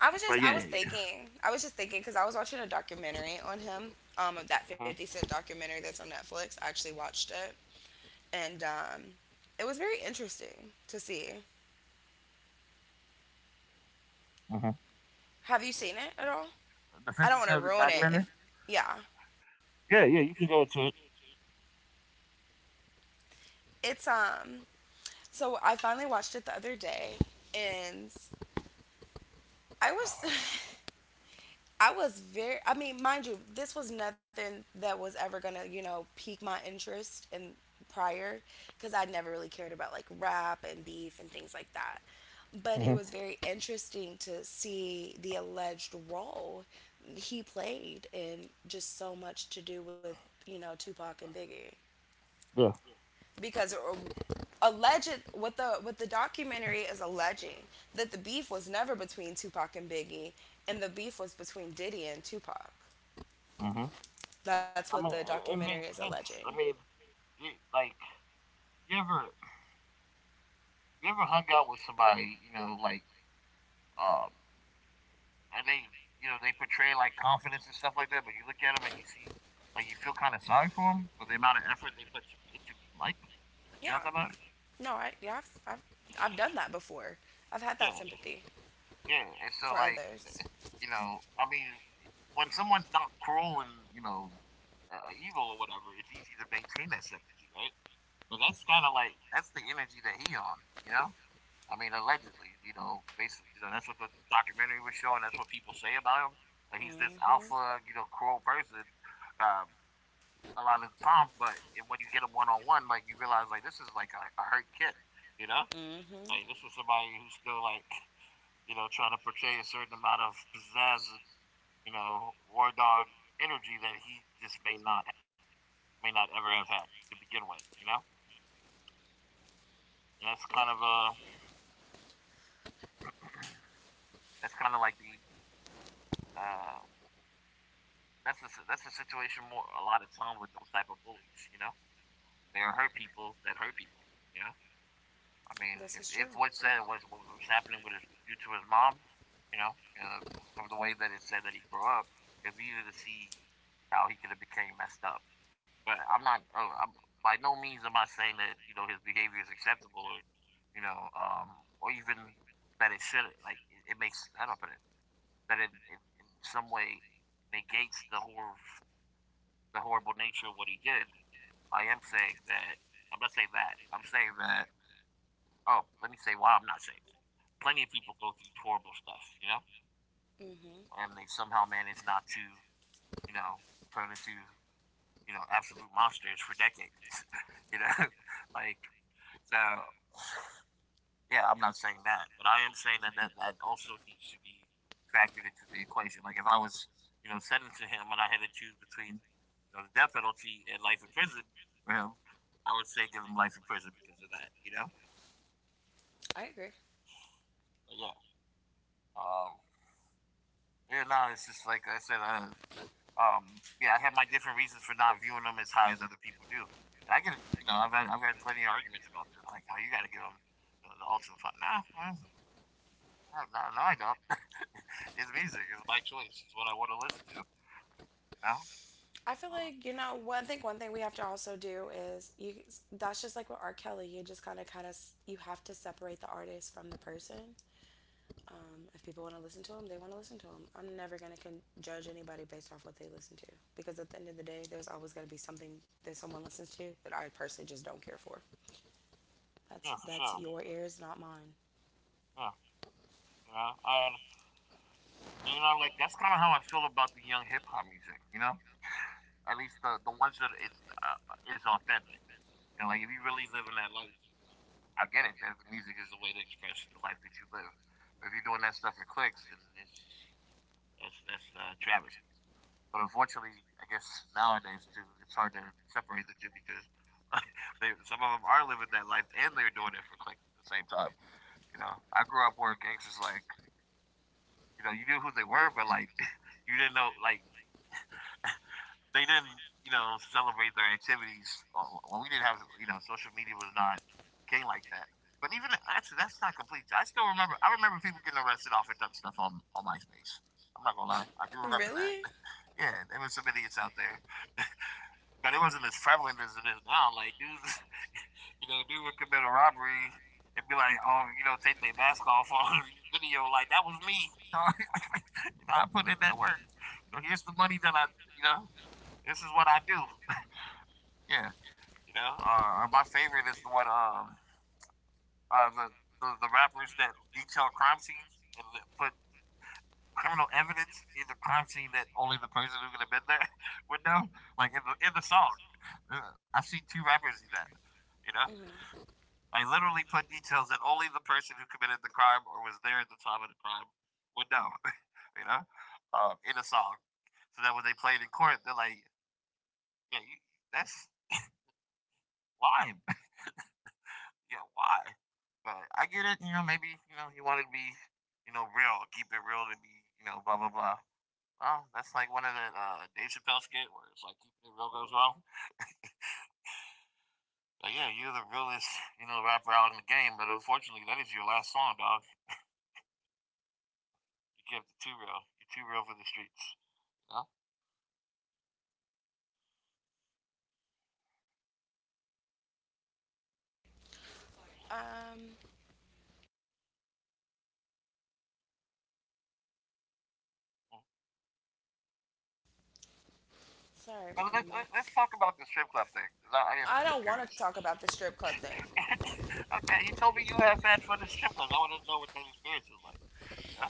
[SPEAKER 2] I was
[SPEAKER 1] But
[SPEAKER 2] just
[SPEAKER 1] yeah,
[SPEAKER 2] I was
[SPEAKER 1] yeah, yeah.
[SPEAKER 2] thinking, I was just thinking because I was watching a documentary on him, um, that fifty
[SPEAKER 1] Mhm,
[SPEAKER 2] Cent documentary that's on Netflix. I actually watched it, and um, it was very interesting to see.
[SPEAKER 1] mhm.
[SPEAKER 2] Have you seen it at all?
[SPEAKER 1] The
[SPEAKER 2] I don't
[SPEAKER 1] Fifty
[SPEAKER 2] want to
[SPEAKER 1] Cent
[SPEAKER 2] ruin it
[SPEAKER 1] documentary.
[SPEAKER 2] if. Yeah,
[SPEAKER 1] Yeah, yeah, you can go to it.
[SPEAKER 2] it's um, so I finally watched it the other day, and I was I was very, I mean, mind you, this was nothing that was ever going to, you know, pique my interest in prior, because I never really cared about like rap and beef and things like that. But it
[SPEAKER 1] Hmm.
[SPEAKER 2] was very interesting to see the alleged role he played in just so much to do with, you know, Tupac and Biggie.
[SPEAKER 1] Yeah.
[SPEAKER 2] Because uh, alleged, what the what the documentary is alleging, that the beef was never between Tupac and Biggie, and the beef was between Diddy and Tupac.
[SPEAKER 1] Mhm.
[SPEAKER 2] That's what
[SPEAKER 1] I
[SPEAKER 2] the
[SPEAKER 1] mean, it
[SPEAKER 2] documentary is
[SPEAKER 1] makes
[SPEAKER 2] alleging.
[SPEAKER 1] sense. I mean, you, like you ever you ever hung out with somebody, you know, like, um, and they you know they portray like confidence and stuff like that, but you look at them and you see, like, you feel kind of sorry for them for the amount of effort they put to it, to be like. You know
[SPEAKER 2] Yeah.
[SPEAKER 1] what I'm talking about?
[SPEAKER 2] No, I yeah, I've, I've I've done that before. I've had that
[SPEAKER 1] Yeah,
[SPEAKER 2] sympathy
[SPEAKER 1] yeah. And so
[SPEAKER 2] for
[SPEAKER 1] like
[SPEAKER 2] others.
[SPEAKER 1] you know, I mean, when someone's not cruel and you know uh, evil or whatever, it's easy to maintain that sympathy, right? But that's kind of like that's the energy that he on, you know. I mean, allegedly, you know, basically, you know, that's what the documentary was showing. That's what people say about him. Like he's this alpha, you know, cruel person uh, a lot of the time. But when you get him one on one, like you realize, like this is like a, a hurt kid, you know. Like this is somebody who's still like, you know, trying to portray a certain amount of pizzazz and you know war dog energy that he just may not may not ever have had to begin with, you know. And that's
[SPEAKER 2] Yep.
[SPEAKER 1] kind of a That's kind of like the uh, that's the that's the situation more a lot of time with those type of bullies. You know, they are hurt people that hurt people. You know, I mean,
[SPEAKER 2] This
[SPEAKER 1] if,
[SPEAKER 2] is true.
[SPEAKER 1] if what's said was what was happening with his due to his mom, you know, uh, from the way that it said that he grew up, it's easy to see how he could have became messed up. But I'm not. Oh, I'm, by no means am I saying that you know his behavior is acceptable or you know um, or even that it should like it, it makes I don't put it that in, in, in some way negates the hor- the horrible nature of what he did. I am saying that I'm not saying that. I'm saying that. Oh, let me say why I'm not saying that. Plenty of people go through horrible stuff, you know,
[SPEAKER 2] Mm,
[SPEAKER 1] and they somehow manage not to, you know, turn into you know absolute monsters for decades, you know, like so. Yeah, I'm not saying that, but I am saying that that, that also needs to be factored into the equation. Like if I was, you know, sentencing him and I had to choose between, you know, the death penalty and life in prison for him, I would say give him life in prison because of that, you know.
[SPEAKER 2] I agree.
[SPEAKER 1] But yeah, um, yeah, no, it's just like I said, uh, um, yeah, I have my different reasons for not viewing them as high as other people do, and I can, you know, I've had, I've had plenty of arguments about this. Like, oh, you got to give them the, the ultimate. Nah, nah, no, no, no I don't. It's music. It's my choice. It's what I want to listen to. You know?
[SPEAKER 2] I feel
[SPEAKER 1] Mm.
[SPEAKER 2] like, you know, one thing. One thing we have to also do is you. That's just like with R. Kelly. You just gotta kind of, you have to separate the artist from the person. Um, if people want to listen to him, they want to listen to him. I'm never gonna con- judge anybody based off what they listen to, because at the end of the day, there's always gonna be something that someone listens to that I personally just don't care for. That's
[SPEAKER 1] Yeah, for
[SPEAKER 2] that's
[SPEAKER 1] sure.
[SPEAKER 2] your ears, not mine.
[SPEAKER 1] Yeah. You know, and, you know, like that's kind of how I feel about the young hip hop music. You know, at least the the ones that it's uh, is authentic. You know, like if you really live in that life, you know, I get it. That the music is the way to express the life that you live. But if you're doing that stuff in clicks, then it's just, that's that's uh, Travis. But unfortunately, I guess nowadays too, it's hard to separate the two because they, some of them are living that life and they're doing it for clicks at the same time. You know, I grew up where gangsters like, you know, you knew who they were, but like, you didn't know, like, they didn't, you know, celebrate their activities. Well, well, we didn't have, you know, social media was not king like that. But even actually, that's not complete. I still remember. I remember people getting arrested off of dumb stuff on on MySpace. I'm not gonna lie. I do remember that.
[SPEAKER 2] Really?
[SPEAKER 1] Yeah, there were some idiots out there. But it wasn't as prevalent as it is now. Like dudes, you know, dude would commit a robbery and be like, oh, you know, take their mask off on video. Like that was me. You know, I put in that work. You know, here's the money that I, you know, this is what I do. Yeah, you know, uh, my favorite is the one um uh, the, the the rappers that detail crime scenes and put criminal evidence in the crime scene that only the person who could have been there would know. Like in the in the song, uh, I've seen two rappers do that. You know,
[SPEAKER 2] Mhm.
[SPEAKER 1] I literally put details that only the person who committed the crime or was there at the time of the crime would know. You know, um, in a song, so that when they played in court, they're like, "Yeah, you, that's why. Yeah, why?" But I get it. You know, maybe you know you want to be, you know, real, keep it real to be, you know, blah blah blah. Well, that's like one of the uh, Dave Chappelle skit where it's like keeping it real goes well. But yeah, you're the realest, you know, rapper out in the game. But unfortunately, that is your last song, dog. You kept it too real. You're too real for the streets. You know?
[SPEAKER 2] Um, sorry,
[SPEAKER 1] But let,
[SPEAKER 2] my
[SPEAKER 1] let,
[SPEAKER 2] mic.
[SPEAKER 1] us talk about the strip club thing because I, I am
[SPEAKER 2] I don't
[SPEAKER 1] curious.
[SPEAKER 2] want to talk about the strip club thing.
[SPEAKER 1] Okay, you told me you have fans for the strip clubs. I want to know what that experience is like. You know?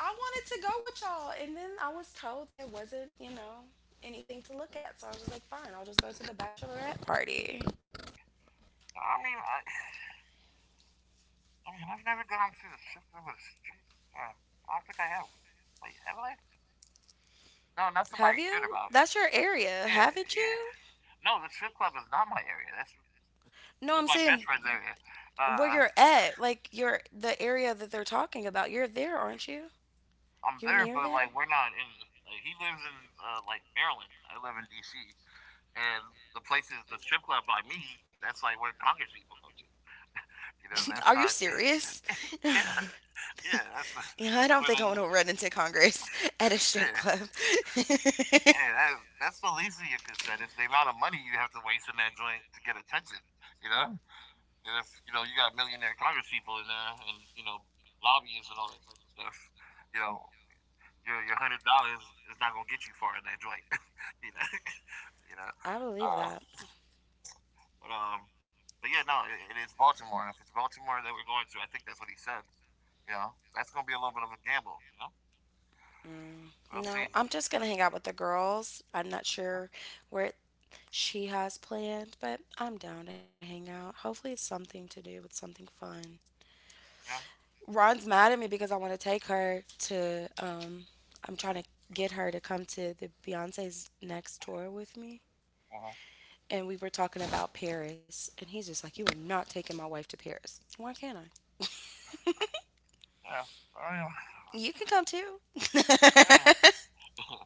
[SPEAKER 2] I wanted to go with y'all, and then I was told there wasn't, you know, anything to look at. So I was just like, fine, I'll just go to the bachelorette party.
[SPEAKER 1] I mean, I, I mean, I've never gone to the strip club with a strip. Yeah, I don't think I have. Wait, have I? No, not
[SPEAKER 2] Have
[SPEAKER 1] somebody cared
[SPEAKER 2] you?
[SPEAKER 1] about.
[SPEAKER 2] That's your area,
[SPEAKER 1] Yeah,
[SPEAKER 2] haven't
[SPEAKER 1] yeah.
[SPEAKER 2] you?
[SPEAKER 1] No, the strip club is not my area. That's
[SPEAKER 2] No, I'm
[SPEAKER 1] that's my best
[SPEAKER 2] saying,
[SPEAKER 1] friend's area.
[SPEAKER 2] where
[SPEAKER 1] Uh,
[SPEAKER 2] you're at, like your the area that they're talking about. You're there, aren't you?
[SPEAKER 1] I'm
[SPEAKER 2] You're
[SPEAKER 1] there,
[SPEAKER 2] near
[SPEAKER 1] but
[SPEAKER 2] there.
[SPEAKER 1] like we're not in. Like, he lives in uh, like Maryland. I live in D C. And the places, the strip club by me, that's like where Congress people go to. You know, that's
[SPEAKER 2] Are you
[SPEAKER 1] not.
[SPEAKER 2] serious?
[SPEAKER 1] Yeah, yeah, that's
[SPEAKER 2] Yeah, I
[SPEAKER 1] that's
[SPEAKER 2] don't
[SPEAKER 1] where
[SPEAKER 2] think I
[SPEAKER 1] they.
[SPEAKER 2] want to run into Congress at a strip
[SPEAKER 1] Yeah,
[SPEAKER 2] club.
[SPEAKER 1] and that, that's the least of your concern is the amount of money you have to waste in that joint to get attention. You know, and if you know you got millionaire Congress people in there, and you know lobbyists and all that type of stuff, you know, your your hundred dollars is not gonna get you far in that joint. you know, you know.
[SPEAKER 2] I believe
[SPEAKER 1] Uh,
[SPEAKER 2] that.
[SPEAKER 1] but um, but yeah, no, it, it is Baltimore. If it's Baltimore that we're going to, I think that's what he said. You know, that's gonna be a little bit of a gamble. You know, we'll see.
[SPEAKER 2] No, I'm just gonna hang out with the girls. I'm not sure where she has planned, but I'm down to hang out. Hopefully, it's something to do with something fun.
[SPEAKER 1] Yeah.
[SPEAKER 2] Ron's mad at me because I want to take her to. Um, I'm trying to get her to come to the Beyonce's next tour with me,
[SPEAKER 1] Uh-huh.
[SPEAKER 2] and we were talking about Paris, and he's just like, "You are not taking my wife to Paris. Why can't I?"
[SPEAKER 1] Yeah. Well,
[SPEAKER 2] You can come too.
[SPEAKER 1] yeah.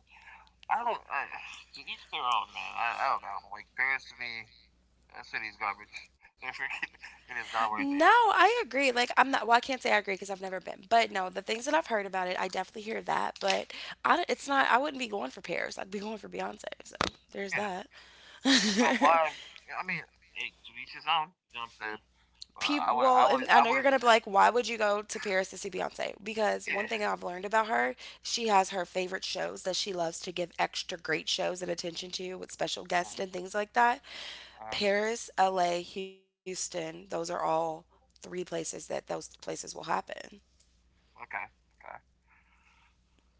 [SPEAKER 1] I don't. I, to each their own, man. I, I don't know. Like Paris to me, that city's garbage. They're freaking. It is not worth
[SPEAKER 2] No,
[SPEAKER 1] it.
[SPEAKER 2] I agree. Like, I'm not, well, I can't say I agree because I've never been. But no, the things that I've heard about it, I definitely hear that. But I, don't- it's not, I wouldn't be going for Paris. I'd be going for Beyonce. So there's
[SPEAKER 1] Yeah.
[SPEAKER 2] that.
[SPEAKER 1] Yeah, but why? I mean, hey, to each his own. You know what I'm saying?
[SPEAKER 2] People,
[SPEAKER 1] But
[SPEAKER 2] well,
[SPEAKER 1] I
[SPEAKER 2] and
[SPEAKER 1] would,
[SPEAKER 2] I
[SPEAKER 1] I
[SPEAKER 2] know you're
[SPEAKER 1] would,
[SPEAKER 2] going to
[SPEAKER 1] I
[SPEAKER 2] be
[SPEAKER 1] would.
[SPEAKER 2] like, why would you go to Paris to see Beyonce? Because one thing I've
[SPEAKER 1] Yeah.
[SPEAKER 2] learned about her, she has her favorite shows that she loves to give extra great shows and attention to with special
[SPEAKER 1] Uh,
[SPEAKER 2] guests and things like that.
[SPEAKER 1] uh,
[SPEAKER 2] Paris, L A, Houston, those are all three places that those places will happen.
[SPEAKER 1] okay. Okay.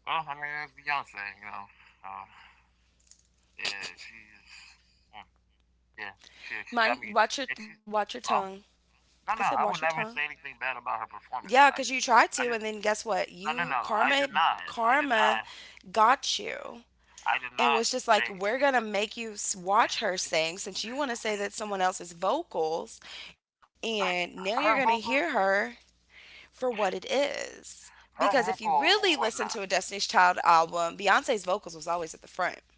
[SPEAKER 1] Well, I mean, it's Beyonce. You know. Uh, yeah, she's. Mm, yeah, she she got
[SPEAKER 2] Mind,
[SPEAKER 1] me,
[SPEAKER 2] watch your
[SPEAKER 1] and she.
[SPEAKER 2] watch your tongue.
[SPEAKER 1] Oh.
[SPEAKER 2] I said
[SPEAKER 1] No, no,
[SPEAKER 2] watch your
[SPEAKER 1] I would
[SPEAKER 2] tongue.
[SPEAKER 1] never say anything bad about her
[SPEAKER 2] Yeah,
[SPEAKER 1] performance.
[SPEAKER 2] cuz
[SPEAKER 1] I
[SPEAKER 2] you
[SPEAKER 1] just,
[SPEAKER 2] tried to
[SPEAKER 1] I
[SPEAKER 2] and
[SPEAKER 1] just.
[SPEAKER 2] then guess what?
[SPEAKER 1] No, no,
[SPEAKER 2] You
[SPEAKER 1] no. I
[SPEAKER 2] karma
[SPEAKER 1] did not. I did
[SPEAKER 2] karma
[SPEAKER 1] not.
[SPEAKER 2] got you.
[SPEAKER 1] I did
[SPEAKER 2] And
[SPEAKER 1] not
[SPEAKER 2] was just like,
[SPEAKER 1] say.
[SPEAKER 2] we're gonna make you s- watch her sing since you want to say that someone else's vocals, and now you're gonna
[SPEAKER 1] Her
[SPEAKER 2] hear
[SPEAKER 1] vocal,
[SPEAKER 2] her for what it is.
[SPEAKER 1] her
[SPEAKER 2] Because if you
[SPEAKER 1] vocals
[SPEAKER 2] really
[SPEAKER 1] were
[SPEAKER 2] listen to
[SPEAKER 1] not.
[SPEAKER 2] a Destiny's Child album, Beyonce's vocals was always at the front.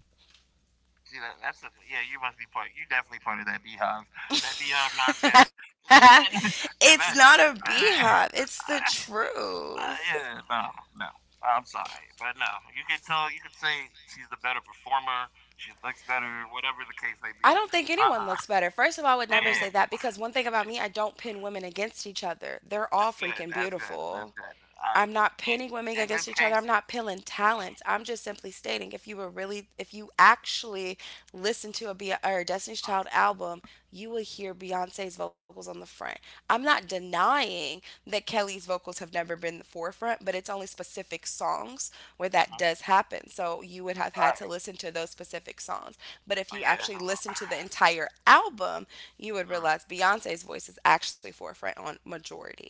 [SPEAKER 1] See that? That's the yeah. You must be part. You definitely part of that beehive. That beehive nonsense. Because
[SPEAKER 2] It's
[SPEAKER 1] that,
[SPEAKER 2] not a
[SPEAKER 1] I- I-
[SPEAKER 2] beehive. It's the
[SPEAKER 1] I-
[SPEAKER 2] truth.
[SPEAKER 1] yeah, no, no. I'm sorry, but no. You can tell. You can say she's the better performer. She looks better. Whatever the case may be.
[SPEAKER 2] I don't think
[SPEAKER 1] Uh,
[SPEAKER 2] anyone looks better. First of all, I
[SPEAKER 1] uh
[SPEAKER 2] would never
[SPEAKER 1] yeah,
[SPEAKER 2] say that because one thing about me, I don't pin women against each other. They're
[SPEAKER 1] that's
[SPEAKER 2] all
[SPEAKER 1] good.
[SPEAKER 2] freaking
[SPEAKER 1] That's good. That's
[SPEAKER 2] beautiful.
[SPEAKER 1] good. I,
[SPEAKER 2] I'm not
[SPEAKER 1] in,
[SPEAKER 2] pinning women
[SPEAKER 1] in this
[SPEAKER 2] against each other.
[SPEAKER 1] case,
[SPEAKER 2] I'm not pinning talents. I'm just simply stating if you were really, if you actually listen to a Be- or a Destiny's
[SPEAKER 1] uh,
[SPEAKER 2] Child album, you will hear Beyonce's vocals on the front. I'm not denying that Kelly's vocals have never been the forefront, but it's only specific songs where that
[SPEAKER 1] huh.
[SPEAKER 2] does happen. So you would have
[SPEAKER 1] All
[SPEAKER 2] had to
[SPEAKER 1] right.
[SPEAKER 2] listen to those specific songs. But if
[SPEAKER 1] Oh
[SPEAKER 2] you
[SPEAKER 1] yeah.
[SPEAKER 2] actually listen to the entire album, you would
[SPEAKER 1] Mm.
[SPEAKER 2] realize Beyonce's voice is actually forefront on majority.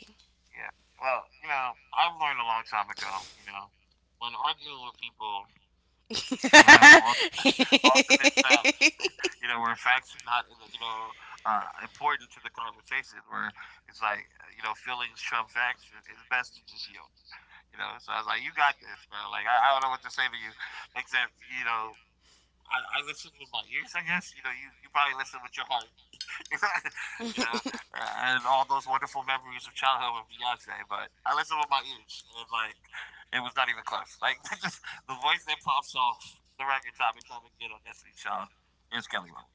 [SPEAKER 1] Yeah. Well, you know, I've learned a long time ago, you know, when arguing with people who have al- alternate facts, you know, where facts are not, you know, uh, important to the conversation, where it's like, you know, feelings trump facts, it's best to just yield, you know? So I was like, you got this, bro. Like, I, I don't know what to say to you, except, you know, I, I listen with my ears, I guess. You know, you, you probably listen with your heart. You know, uh, and all those wonderful memories of childhood with Beyonce. But I listened with my ears, and like, it was not even close. Like, just, the voice that pops off the record time and time again on Destiny's Child is Kelly Rowland.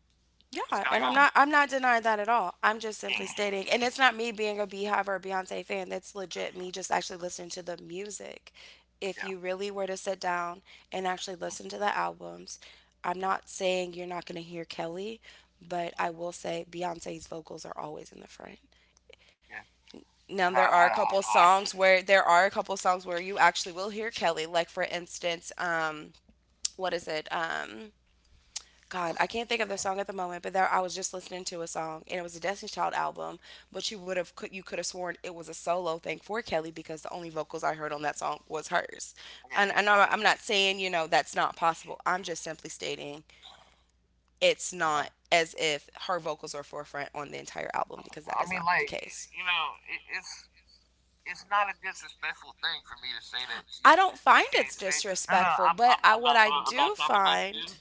[SPEAKER 1] It's
[SPEAKER 2] Yeah,
[SPEAKER 1] Kelly
[SPEAKER 2] and I'm not
[SPEAKER 1] Rowland.
[SPEAKER 2] I'm not denying that at all. I'm just
[SPEAKER 1] Yeah,
[SPEAKER 2] simply stating, and it's not me being a Beehive or a Beyonce fan. That's legit me just actually listening to the music. If
[SPEAKER 1] yeah,
[SPEAKER 2] you really were to sit down and actually
[SPEAKER 1] uh-huh.
[SPEAKER 2] listen to the albums, I'm not saying you're not going to hear Kelly, but I
[SPEAKER 1] Uh-huh.
[SPEAKER 2] will say Beyonce's vocals are always in the front.
[SPEAKER 1] Yeah.
[SPEAKER 2] Now
[SPEAKER 1] I know,
[SPEAKER 2] there are
[SPEAKER 1] I
[SPEAKER 2] a
[SPEAKER 1] know, I
[SPEAKER 2] couple
[SPEAKER 1] know.
[SPEAKER 2] songs where there are a couple songs where you actually will hear Kelly, like for instance, um, what is it? Um, God, I can't think of the song at the moment, but there I was just listening to a song and it was a Destiny's Child album, but you would have could you could have sworn it was a solo thing for Kelly because the only vocals I heard on that song was hers. And,
[SPEAKER 1] Yeah,
[SPEAKER 2] and
[SPEAKER 1] I
[SPEAKER 2] I'm I'm not
[SPEAKER 1] mean,
[SPEAKER 2] saying, you know, that's not possible. I'm just simply stating it's
[SPEAKER 1] uh-huh.
[SPEAKER 2] not as if her vocals are forefront on the entire album because that
[SPEAKER 1] I
[SPEAKER 2] is
[SPEAKER 1] mean,
[SPEAKER 2] not the
[SPEAKER 1] like,
[SPEAKER 2] case.
[SPEAKER 1] you know, it, it's it's not a disrespectful thing for me to say that she
[SPEAKER 2] I don't
[SPEAKER 1] she
[SPEAKER 2] find
[SPEAKER 1] can't
[SPEAKER 2] it's
[SPEAKER 1] sing. No, no,
[SPEAKER 2] disrespectful,
[SPEAKER 1] I'm
[SPEAKER 2] but
[SPEAKER 1] I'm,
[SPEAKER 2] I
[SPEAKER 1] I'm
[SPEAKER 2] what
[SPEAKER 1] not
[SPEAKER 2] I
[SPEAKER 1] I'm, I'm not
[SPEAKER 2] do
[SPEAKER 1] talking about
[SPEAKER 2] find
[SPEAKER 1] you.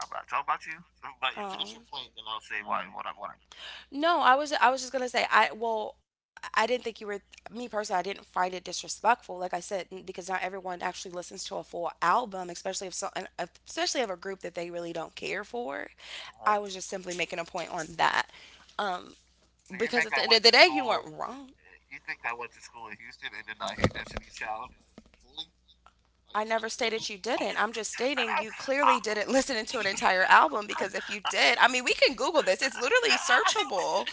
[SPEAKER 1] I'm not talking about you. But you finish
[SPEAKER 2] um
[SPEAKER 1] your point, then I'll say why what I what I mean.
[SPEAKER 2] No, I was I was just gonna say. I well I didn't think you were. Me personally, I didn't find it disrespectful like I said, n- because not everyone actually listens to a full album, especially if so and especially of a group that they really don't care for.
[SPEAKER 1] Uh-huh.
[SPEAKER 2] I was just simply making a point on that um,
[SPEAKER 1] So you
[SPEAKER 2] because
[SPEAKER 1] think
[SPEAKER 2] at
[SPEAKER 1] I
[SPEAKER 2] the end of
[SPEAKER 1] went
[SPEAKER 2] the
[SPEAKER 1] to
[SPEAKER 2] day you weren't
[SPEAKER 1] school?
[SPEAKER 2] wrong.
[SPEAKER 1] You think I went to school in Houston and did not hear Destiny's Child like, fully? Are you, are
[SPEAKER 2] I
[SPEAKER 1] you
[SPEAKER 2] never
[SPEAKER 1] kidding me?
[SPEAKER 2] stated you didn't. I'm just
[SPEAKER 1] And
[SPEAKER 2] stating
[SPEAKER 1] I,
[SPEAKER 2] you
[SPEAKER 1] I,
[SPEAKER 2] clearly didn't listen to an entire album because if you did, I mean, we can Google this. It's literally searchable.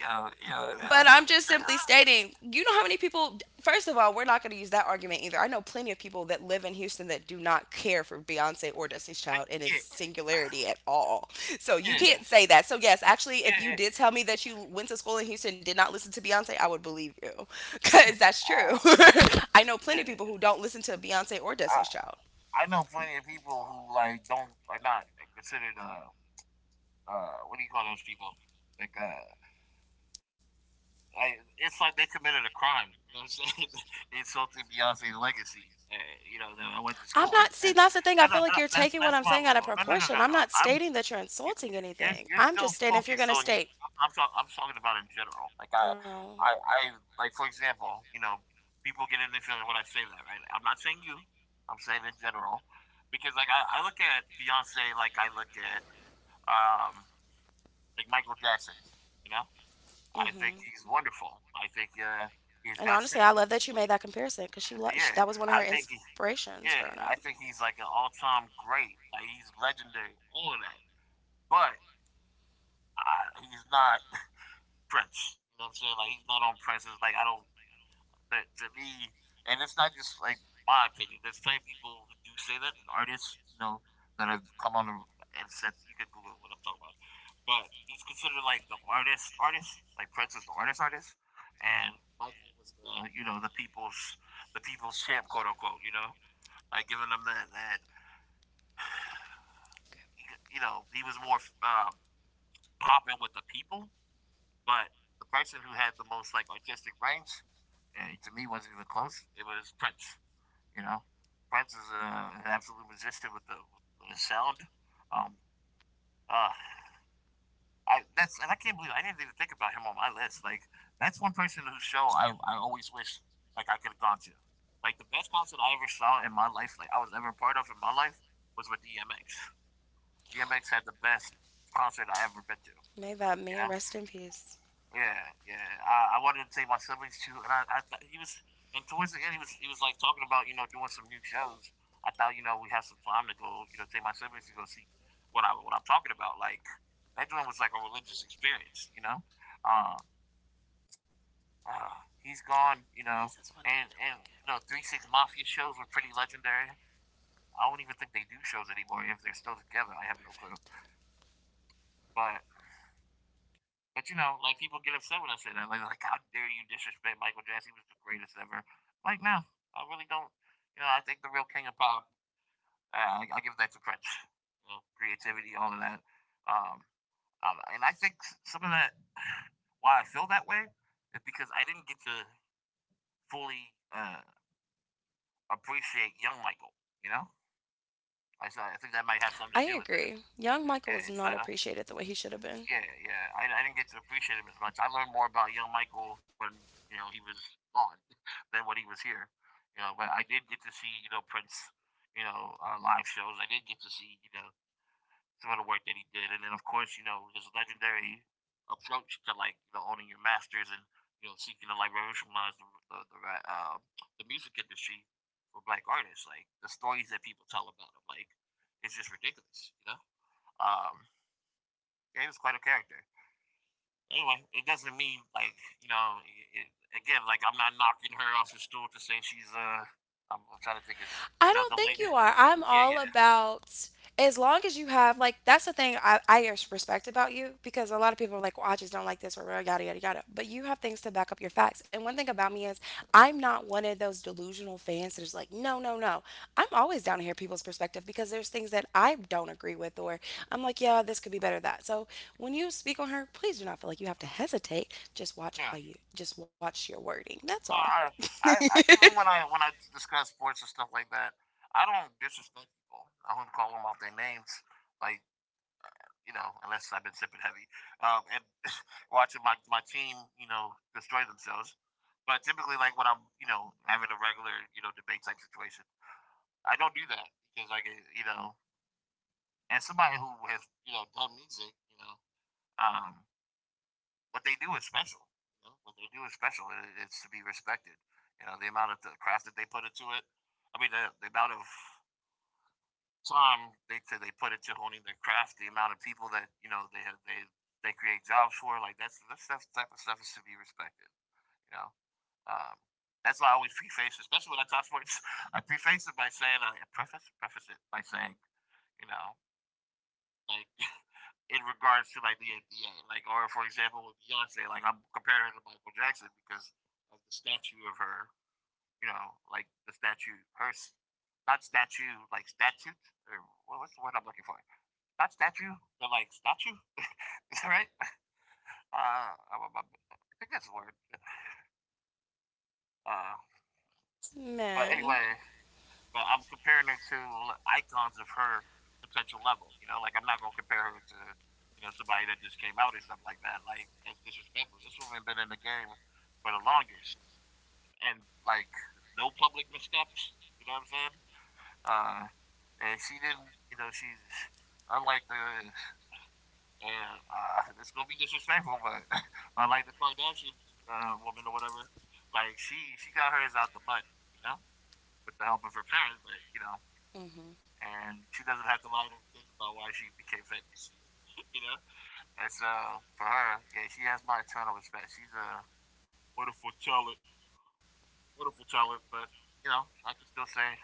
[SPEAKER 1] yeah, yeah, yeah,
[SPEAKER 2] But I'm just simply stating, you know how many people, first of all, we're not going to use that argument either. I know plenty of people that live in Houston that do not care for Beyonce or Destiny's Child and its singularity at all. So you
[SPEAKER 1] yeah,
[SPEAKER 2] can't say that. So, yes, actually,
[SPEAKER 1] yeah,
[SPEAKER 2] if you
[SPEAKER 1] yeah,
[SPEAKER 2] did tell me that you went to school in Houston and did not listen to Beyonce, I would believe you because
[SPEAKER 1] yeah,
[SPEAKER 2] that's true.
[SPEAKER 1] oh,
[SPEAKER 2] I know plenty of
[SPEAKER 1] yeah.
[SPEAKER 2] people who don't listen to Beyonce or
[SPEAKER 1] I
[SPEAKER 2] Destiny's Child.
[SPEAKER 1] I know plenty of people who like don't are not considered uh uh what do you call those people? Like uh I, it's like they committed a crime, you know what I'm saying? Insulting Beyonce's legacy. Uh, you know that I went to
[SPEAKER 2] I'm
[SPEAKER 1] school
[SPEAKER 2] not,
[SPEAKER 1] with,
[SPEAKER 2] see,
[SPEAKER 1] and
[SPEAKER 2] that's the thing. I
[SPEAKER 1] no,
[SPEAKER 2] feel
[SPEAKER 1] no,
[SPEAKER 2] like you're
[SPEAKER 1] no,
[SPEAKER 2] taking
[SPEAKER 1] that's
[SPEAKER 2] what I'm
[SPEAKER 1] that's
[SPEAKER 2] saying
[SPEAKER 1] my
[SPEAKER 2] out
[SPEAKER 1] no,
[SPEAKER 2] of
[SPEAKER 1] no, no,
[SPEAKER 2] proportion.
[SPEAKER 1] no,
[SPEAKER 2] I'm
[SPEAKER 1] no.
[SPEAKER 2] not stating
[SPEAKER 1] I'm
[SPEAKER 2] that you're
[SPEAKER 1] you,
[SPEAKER 2] insulting
[SPEAKER 1] you- are
[SPEAKER 2] anything.
[SPEAKER 1] you're
[SPEAKER 2] I'm just
[SPEAKER 1] still
[SPEAKER 2] stating if you're
[SPEAKER 1] focused
[SPEAKER 2] going to
[SPEAKER 1] on you.
[SPEAKER 2] state,
[SPEAKER 1] I'm talking. I'm talking about in general. Like I,
[SPEAKER 2] oh.
[SPEAKER 1] I, I like for example, you know, people get in the feeling when I say that, right? I'm not saying you. I'm saying in general, because like I, I look at Beyonce like I look at um like Michael Jackson. You know,
[SPEAKER 2] Mm
[SPEAKER 1] I think
[SPEAKER 2] hmm.
[SPEAKER 1] he's wonderful. I think uh
[SPEAKER 2] And
[SPEAKER 1] he's
[SPEAKER 2] honestly,
[SPEAKER 1] got
[SPEAKER 2] I
[SPEAKER 1] singing.
[SPEAKER 2] love that you made that comparison because she, lo- she that
[SPEAKER 1] Yeah,
[SPEAKER 2] was one of her
[SPEAKER 1] I think he.
[SPEAKER 2] inspirations
[SPEAKER 1] Yeah,
[SPEAKER 2] growing
[SPEAKER 1] I
[SPEAKER 2] up.
[SPEAKER 1] think he's like an all-time great. Like he's legendary. All of that, but I, he's not. Prince. You know what I'm saying? Like he's not on Prince's. Like I don't. That, to me, and it's not just like my opinion. There's plenty of people who do say that, and artists, you know, that have come on and said you can Google what I'm talking about. But he's considered like the artist, artist. Like Prince is the artist, artist, and Michael was the you know the people's the people's champ, quote unquote. You know, like giving them that that you know he was more um, popping with the people. But the person who had the most like artistic brains, eh, to me, wasn't even close. It was Prince. You know, Prince is uh, an absolute musician with the with the sound. Um, uh, I that's and I can't believe I didn't even think about him on my list. Like that's one person whose show I I always wish like I could have gone to. Like the best concert I ever saw in my life, like I was ever a part of in my life, was with D M X. D M X had the best concert I ever been to.
[SPEAKER 2] May that
[SPEAKER 1] You
[SPEAKER 2] man
[SPEAKER 1] know.
[SPEAKER 2] rest in peace.
[SPEAKER 1] Yeah, yeah. I, I wanted to take my siblings too, and I, I thought he was, and towards the end, he was, he was like talking about, you know, doing some new shows. I thought, you know, we have some time to go, you know, take my siblings to go see what I, what I'm talking about. Like that joint was like a religious experience, you know. Um, uh, he's gone, you
[SPEAKER 2] This is
[SPEAKER 1] know,
[SPEAKER 2] what I need to
[SPEAKER 1] and
[SPEAKER 2] look
[SPEAKER 1] and
[SPEAKER 2] at right
[SPEAKER 1] you know, Three
[SPEAKER 2] there.
[SPEAKER 1] Six Mafia shows were
[SPEAKER 2] That's
[SPEAKER 1] pretty
[SPEAKER 2] gonna be-
[SPEAKER 1] legendary. I don't even think they do shows anymore if they're still together. I have no clue. But But you know, like people get upset when I say that. Like, like how dare you disrespect Michael Jackson? He was the greatest ever. Like, no, I really don't. You know, I think the real king of pop. Uh, I, I give that to Prince. You know, creativity, all of that. Um, um, and I think some of that, why I feel that way, is because I didn't get to fully uh, appreciate young Michael. You know, I so I think that might have
[SPEAKER 2] I
[SPEAKER 1] something to do with it.
[SPEAKER 2] agree. Young Michael was
[SPEAKER 1] Yeah, it's
[SPEAKER 2] not
[SPEAKER 1] uh,
[SPEAKER 2] appreciated the way he should have been.
[SPEAKER 1] Yeah, yeah. I, I didn't get to appreciate him as much. I learned more about young Michael when you know he was gone than when he was here. You know, but I did get to see you know Prince, you know, uh, live shows. I did get to see you know some of the work that he did, and then of course you know his legendary approach to like you know owning your masters and you know seeking to like revolutionize the the the, uh, the music industry for black artists. Like the stories that people tell about him, like it's just ridiculous. You know, um, yeah, he was quite a character anyway, it doesn't mean like you know. It, again, like I'm not knocking her off the stool to say she's uh. I'm, I'm trying to think. It's
[SPEAKER 2] I
[SPEAKER 1] you know
[SPEAKER 2] don't
[SPEAKER 1] the
[SPEAKER 2] think
[SPEAKER 1] late.
[SPEAKER 2] you are. I'm
[SPEAKER 1] Yeah,
[SPEAKER 2] all
[SPEAKER 1] yeah,
[SPEAKER 2] about, as long as you have, like, that's the thing I, I res- respect about you, because a lot of people are like, well, I just don't like this or whatever, yada yada yada. But you have things to back up your facts. And one thing about me is I'm not one of those delusional fans that is like, no, no, no. I'm always down to hear people's perspective because there's things that I don't agree with, or I'm like, yeah, this could be better that. So when you speak on her, please do not feel like you have to hesitate. Just
[SPEAKER 1] yeah.
[SPEAKER 2] watch how you just watch your wording. That's
[SPEAKER 1] No,
[SPEAKER 2] all.
[SPEAKER 1] I, I, I, even when I when I discuss sports and stuff like that, I don't disrespect people. I don't call them off their names, like you know, unless I've been sipping heavy um, and watching my my team, you know, destroy themselves. But typically, like when I'm, you know, having a regular, you know, debate type situation, I don't do that because, like, you know, and somebody who has you know done music, you know, um, what they do is special. You know, what they do is special. It, it's to be respected. You know, the amount of the craft that they put into it. I mean, the, the amount of time they they put into honing their craft, the amount of people that you know they have, they they create jobs for. Like that's that stuff type of stuff is to be respected. You know, um, that's why I always preface, especially when I talk sports. I preface it by saying I preface preface it by saying, you know, like in regards to like the N B A. Like, or for example, with Beyonce, like I'm comparing her to Michael Jackson because of the statue of her. You know, like the statue, her not statue, like statute. Or what's the word I'm looking for? Not statue, but like statue. Is that right? Uh, I, I- I think that's the word. Uh, but anyway,
[SPEAKER 2] Man.
[SPEAKER 1] but I'm comparing her to icons of her potential level. You know, like I'm not gonna compare her to you know somebody that just came out or something like that. Like that's disrespectful. This woman been in the game for the longest, and like no public missteps. You know what I'm saying? Uh, and she didn't. You know, she's unlike the and uh, it's gonna be disrespectful, but unlike the Kardashian uh, woman or whatever, like she she got hers out the mud. You know, with the help of her parents, but you know
[SPEAKER 2] Mm-hmm.
[SPEAKER 1] and she doesn't have to lie to her kids about why she became famous. you know, and so for her, yeah, she has my eternal respect. She's a wonderful talent, wonderful talent. But you know, I can still say,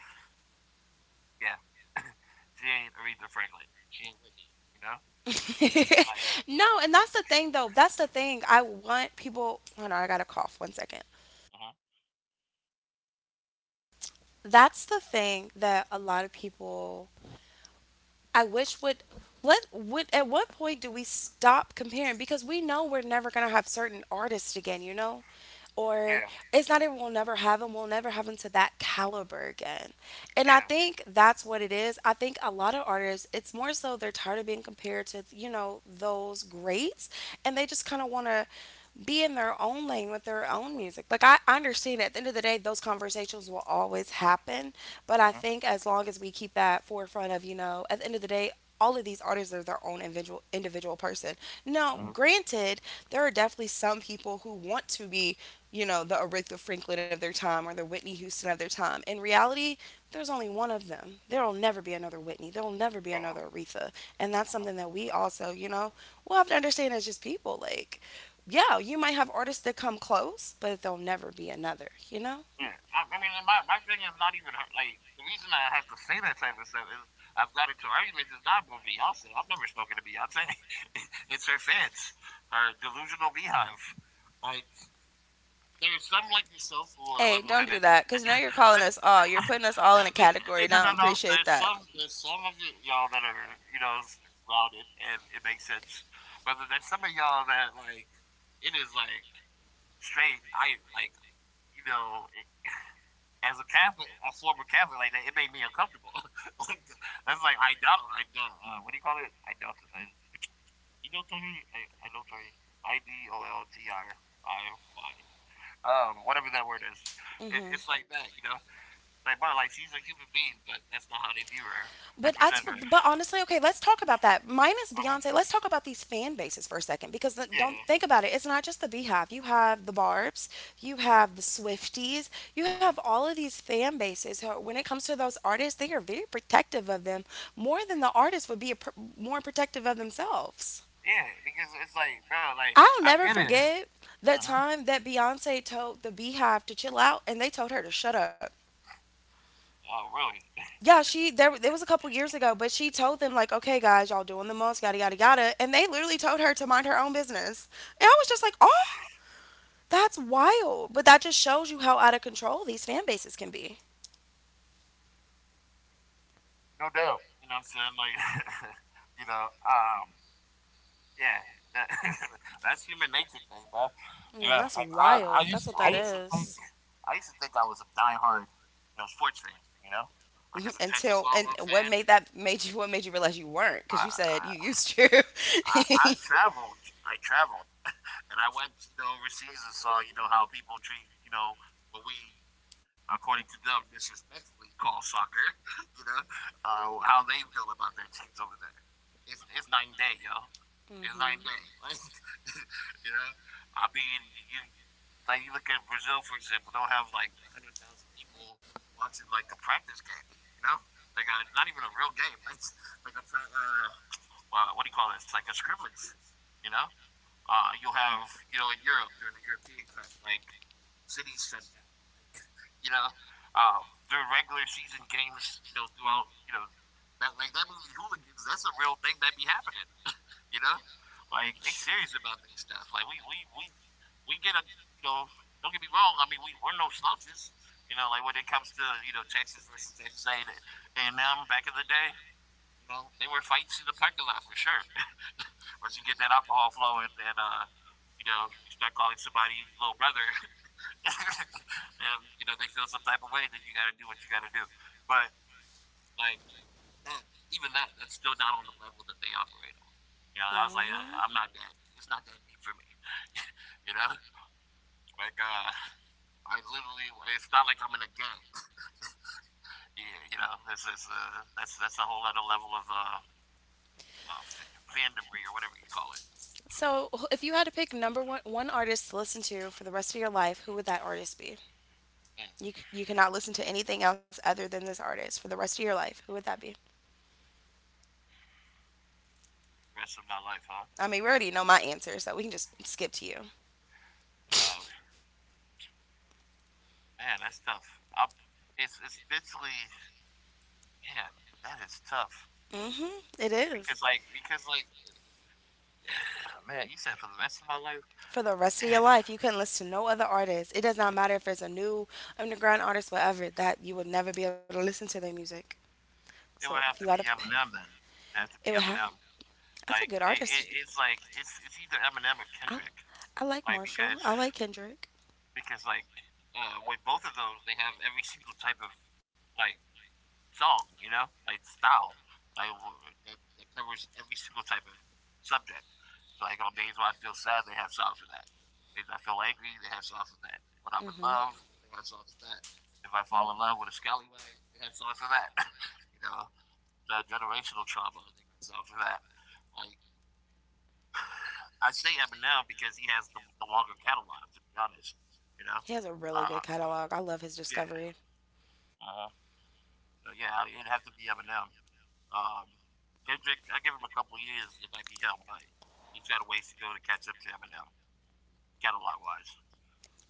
[SPEAKER 1] yeah, she ain't Aretha Franklin. She ain't Whitney. You know, like,
[SPEAKER 2] No, and that's the thing though. That's the thing. I want people. Hold on, I got a cough. One second.
[SPEAKER 1] uh-huh.
[SPEAKER 2] That's the thing that a lot of people. I wish would. What would at what point do we stop comparing? Because we know we're never gonna have certain artists again. You know. Or
[SPEAKER 1] Yeah,
[SPEAKER 2] it's not even we'll never have them. We'll never have them to that caliber again. And I
[SPEAKER 1] yeah,
[SPEAKER 2] think that's what it is. I think a lot of artists, it's more so they're tired of being compared to, you know, those greats, and they just kind of want to be in their own lane with their own music. Like, I, I understand at the end of the day those conversations will always happen, but I
[SPEAKER 1] uh-huh.
[SPEAKER 2] think as long as we keep that forefront of, you know, at the end of the day all of these artists are their own individual individual person. Now,
[SPEAKER 1] Uh-huh.
[SPEAKER 2] granted, there are definitely some people who want to be, you know, the Aretha Franklin of their time or the Whitney Houston of their time. In reality, there's only one of them. There will never be another Whitney. There will never be another
[SPEAKER 1] Yeah.
[SPEAKER 2] Aretha. And that's
[SPEAKER 1] Uh-huh.
[SPEAKER 2] something that we also, you know, we'll have to understand as just people. Like, yeah, you might have artists that come close, but there'll never be another, you know?
[SPEAKER 1] Yeah, I, I mean, and my, my thing is not even her. Like, the reason I have to say that type of stuff is I've got into arguments. It's not with Beyonce. I've never spoken to Beyonce. it's her fans, her delusional beehive. Like, there's some like yourself who are
[SPEAKER 2] Hey,
[SPEAKER 1] level
[SPEAKER 2] don't do
[SPEAKER 1] headed.
[SPEAKER 2] that, because now you're calling
[SPEAKER 1] but
[SPEAKER 2] us all. You're putting us all in a category. And
[SPEAKER 1] no,
[SPEAKER 2] I
[SPEAKER 1] no, no.
[SPEAKER 2] don't
[SPEAKER 1] no.
[SPEAKER 2] appreciate
[SPEAKER 1] There's
[SPEAKER 2] that.
[SPEAKER 1] some, there's some of y- y'all that are, you know, s- grounded and it makes sense. But then there's some of y'all that, like, it is like straight. I, like, you know, as a Catholic, a former Catholic like that, it made me uncomfortable. like, that's like I doubt, I doubt, uh, what do you call it? I doubt, I, you know, Tony, I, I know Tony, I D O L T I I Y, um, whatever that word is. It, it's like that, you know. It's like, but like she's a human being, but that's not how they view her
[SPEAKER 2] But
[SPEAKER 1] and
[SPEAKER 2] I,
[SPEAKER 1] present her.
[SPEAKER 2] but honestly, okay, let's talk about that. Minus
[SPEAKER 1] Uh-huh.
[SPEAKER 2] Beyonce, let's talk about these fan bases for a second because the, don't
[SPEAKER 1] Yeah.
[SPEAKER 2] think about it. It's not just the Beehive. You have the Barb's, you
[SPEAKER 1] Uh-huh.
[SPEAKER 2] have the Swifties, you have
[SPEAKER 1] Uh-huh.
[SPEAKER 2] all of these fan bases. who- When it comes to those artists, they are very protective of them, more than the artists would be a, pr- more protective of themselves.
[SPEAKER 1] Yeah, because it's like, bro, like
[SPEAKER 2] I'll
[SPEAKER 1] I
[SPEAKER 2] never
[SPEAKER 1] get it.
[SPEAKER 2] forget the
[SPEAKER 1] Uh-huh.
[SPEAKER 2] time that Beyonce told the Beehive to chill out and they told her to shut up.
[SPEAKER 1] Oh, really?
[SPEAKER 2] Yeah, she there it was a couple years ago, but she told them like, "Okay, guys, y'all doing the most, yada yada yada," and they literally told her to mind her own business. And I was just like, "Oh, that's wild!" But that just shows you how out of control these fan bases can be.
[SPEAKER 1] No doubt. You know what I'm saying? Like, you know, um, yeah, that, that's human nature thing, bro. You
[SPEAKER 2] Man,
[SPEAKER 1] know,
[SPEAKER 2] that's
[SPEAKER 1] like I, I
[SPEAKER 2] wild. That's
[SPEAKER 1] used to,
[SPEAKER 2] what
[SPEAKER 1] I
[SPEAKER 2] that
[SPEAKER 1] used to think,
[SPEAKER 2] is.
[SPEAKER 1] I used to think I was a diehard, you know, sports fan. You know, like as a Texas
[SPEAKER 2] Until, and
[SPEAKER 1] Longhorn
[SPEAKER 2] what
[SPEAKER 1] fan,
[SPEAKER 2] made that, made you, what made you realize you weren't,
[SPEAKER 1] I,
[SPEAKER 2] because you said you
[SPEAKER 1] I,
[SPEAKER 2] used to.
[SPEAKER 1] I, I traveled, I traveled, and I went, you know, overseas and saw, you know, how people treat, you know, what we according to them, disrespectfully call soccer. you know uh, how they feel about their teams over there. It's it's night and day, yo. It's night and day. Like you know, I mean, you like you look at Brazil for example, they'll have like one hundred thousand people watching like a practice game. You know, like a, not even a real game, like like a uh, uh, what do you call this? Like a scrimmage, you know. Uh, you'll have you know in Europe during the European Cup, like cities shut down, like you know, um, their regular season games, you know, throughout you know that like that movie Hooligans, that's a real thing that be happening, you know. Like they serious about this stuff. Like we we we we get a you know don't get me wrong. I mean we we're no slouches. You know, like when it comes to you know Texas versus Texas A and M back in the day, you know, they were fights in the parking lot for sure. Once you get that alcohol flowing and uh, you know, you start calling somebody little brother, and you know, they feel some type of way. Then you gotta do what you gotta do. But like that even that, that's still not on the level that they operate on. You know, I was like, uh,
[SPEAKER 2] Mhm.
[SPEAKER 1] I'm not that it's not that deep for me. you know? Like uh I literally, it's not like I'm in a gang. Yeah, you know, that's that's uh, that's that's a whole other level of uh, uh, fandomry or whatever you call it.
[SPEAKER 2] So, wh- if you had to pick number one one artist to listen to for the rest of your life, who would that artist be?
[SPEAKER 1] Yeah.
[SPEAKER 2] You c- you cannot listen to anything else other than this artist for the rest of your life. Who would that be?
[SPEAKER 1] Rest of my life, huh?
[SPEAKER 2] I mean, we already know my answer, so we can just skip to you.
[SPEAKER 1] Um, man, that's tough. Up, it's it's basically, man, that is tough
[SPEAKER 2] Mhm. It
[SPEAKER 1] because
[SPEAKER 2] is.
[SPEAKER 1] like because like, man, you said for the rest of my life,
[SPEAKER 2] For the rest of your
[SPEAKER 1] yeah,
[SPEAKER 2] life, you couldn't listen to no other artist. It does not matter if there's a new underground artist, whatever, that you would never be able to listen to their music. So
[SPEAKER 1] it
[SPEAKER 2] if
[SPEAKER 1] would
[SPEAKER 2] you
[SPEAKER 1] have
[SPEAKER 2] had a,
[SPEAKER 1] to
[SPEAKER 2] p-
[SPEAKER 1] be Eminem then. It would have to
[SPEAKER 2] It
[SPEAKER 1] be
[SPEAKER 2] would have.
[SPEAKER 1] Eminem.
[SPEAKER 2] That's a
[SPEAKER 1] Like
[SPEAKER 2] good
[SPEAKER 1] it, it,
[SPEAKER 2] artist.
[SPEAKER 1] it's like it's it's either Eminem or
[SPEAKER 2] I,
[SPEAKER 1] Kendrick.
[SPEAKER 2] I like
[SPEAKER 1] Like
[SPEAKER 2] Marshall.
[SPEAKER 1] because
[SPEAKER 2] I like Kendrick.
[SPEAKER 1] because like uh, with both of those, they have every single type of like song, you know, like style, like that, that covers every single type of subject. So like on days when I feel sad, they have songs for that. Days I feel angry, they have songs for that. When I'm in love, they have songs for that. If I fall in love with a scallywag, they have songs for that. you know, the generational trauma, they got songs for that. Like I say Eminem because he has the, the longer catalog, to be honest. You know,
[SPEAKER 2] He has a really
[SPEAKER 1] uh,
[SPEAKER 2] good catalog. I love his
[SPEAKER 1] yeah.
[SPEAKER 2] discovery.
[SPEAKER 1] Uh-huh. So yeah, it'd have to be Eminem. Um, Kendrick, I give him a couple years, it might be him, but he's got a ways to go to catch up to Eminem. Catalog wise.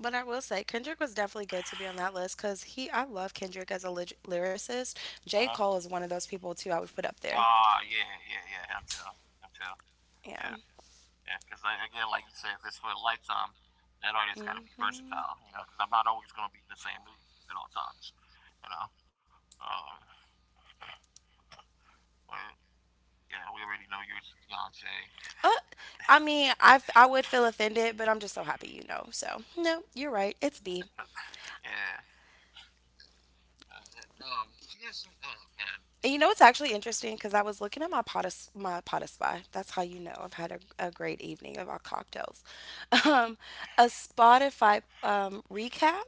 [SPEAKER 2] But I will say Kendrick was definitely good to be on that list, because he, I love Kendrick as a ly- lyricist.
[SPEAKER 1] Uh
[SPEAKER 2] J.
[SPEAKER 1] huh.
[SPEAKER 2] Cole is one of those people too I would put up there.
[SPEAKER 1] Ah, yeah, yeah, yeah, him too. Him too.
[SPEAKER 2] Yeah.
[SPEAKER 1] Yeah, yeah. Because again, like you said, if it's for a lifetime, that artist got to be versatile, you know, because I'm not always going to be in the same mood at all times, you know. Um, but yeah, we already know yours is Beyonce.
[SPEAKER 2] Uh, I mean, I, f- I would feel offended, but I'm just so happy you know. So no, you're right. It's B.
[SPEAKER 1] Yeah. Uh, um, she has some, oh man.
[SPEAKER 2] And you know, it's actually interesting because I was looking at my pot my pot That's how you know I've had a, a great evening of our cocktails. Um, a Spotify um, recap,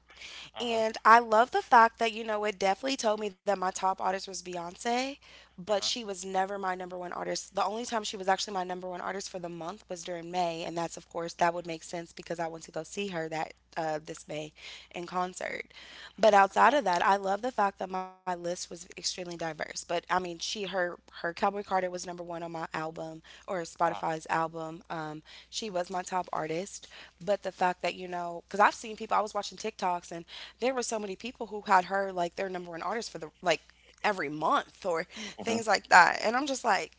[SPEAKER 1] Uh huh.
[SPEAKER 2] and I love the fact that you know, it definitely told me that my top artist was Beyonce, but
[SPEAKER 1] Uh
[SPEAKER 2] she was never my number one artist. The only time she was actually my number one artist for the month was during May, and that's of course, that would make sense, because I went to go see her that uh, this May in concert. But outside
[SPEAKER 1] huh.
[SPEAKER 2] of that, I love the fact that my list was extremely diverse. But I mean, she her her Cowboy Carter was number one on my album, or Spotify's album. Um, she was my top artist, but the fact that you know, because I've seen people, I was watching TikToks and there were so many people who had her like their number one artist for the like every month or
[SPEAKER 1] Uh huh.
[SPEAKER 2] things like that. And I'm just like,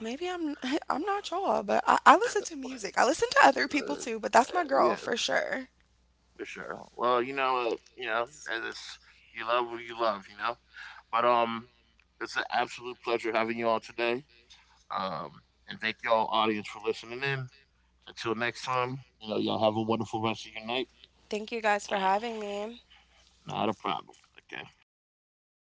[SPEAKER 2] maybe I'm I'm not y'all, but I, I listen to music. I listen to other people
[SPEAKER 1] Uh, uh,
[SPEAKER 2] too, but that's my girl
[SPEAKER 1] yeah,
[SPEAKER 2] for sure.
[SPEAKER 1] for sure. Well, you know, uh, you know, and it's you love what you love, you know. But um, it's an absolute pleasure having you on today. Um, and thank y'all audience for listening in. Until next time, you know, y'all have a wonderful rest of your night.
[SPEAKER 2] Thank you guys for
[SPEAKER 1] Uh,
[SPEAKER 2] having me.
[SPEAKER 1] not a problem. Okay.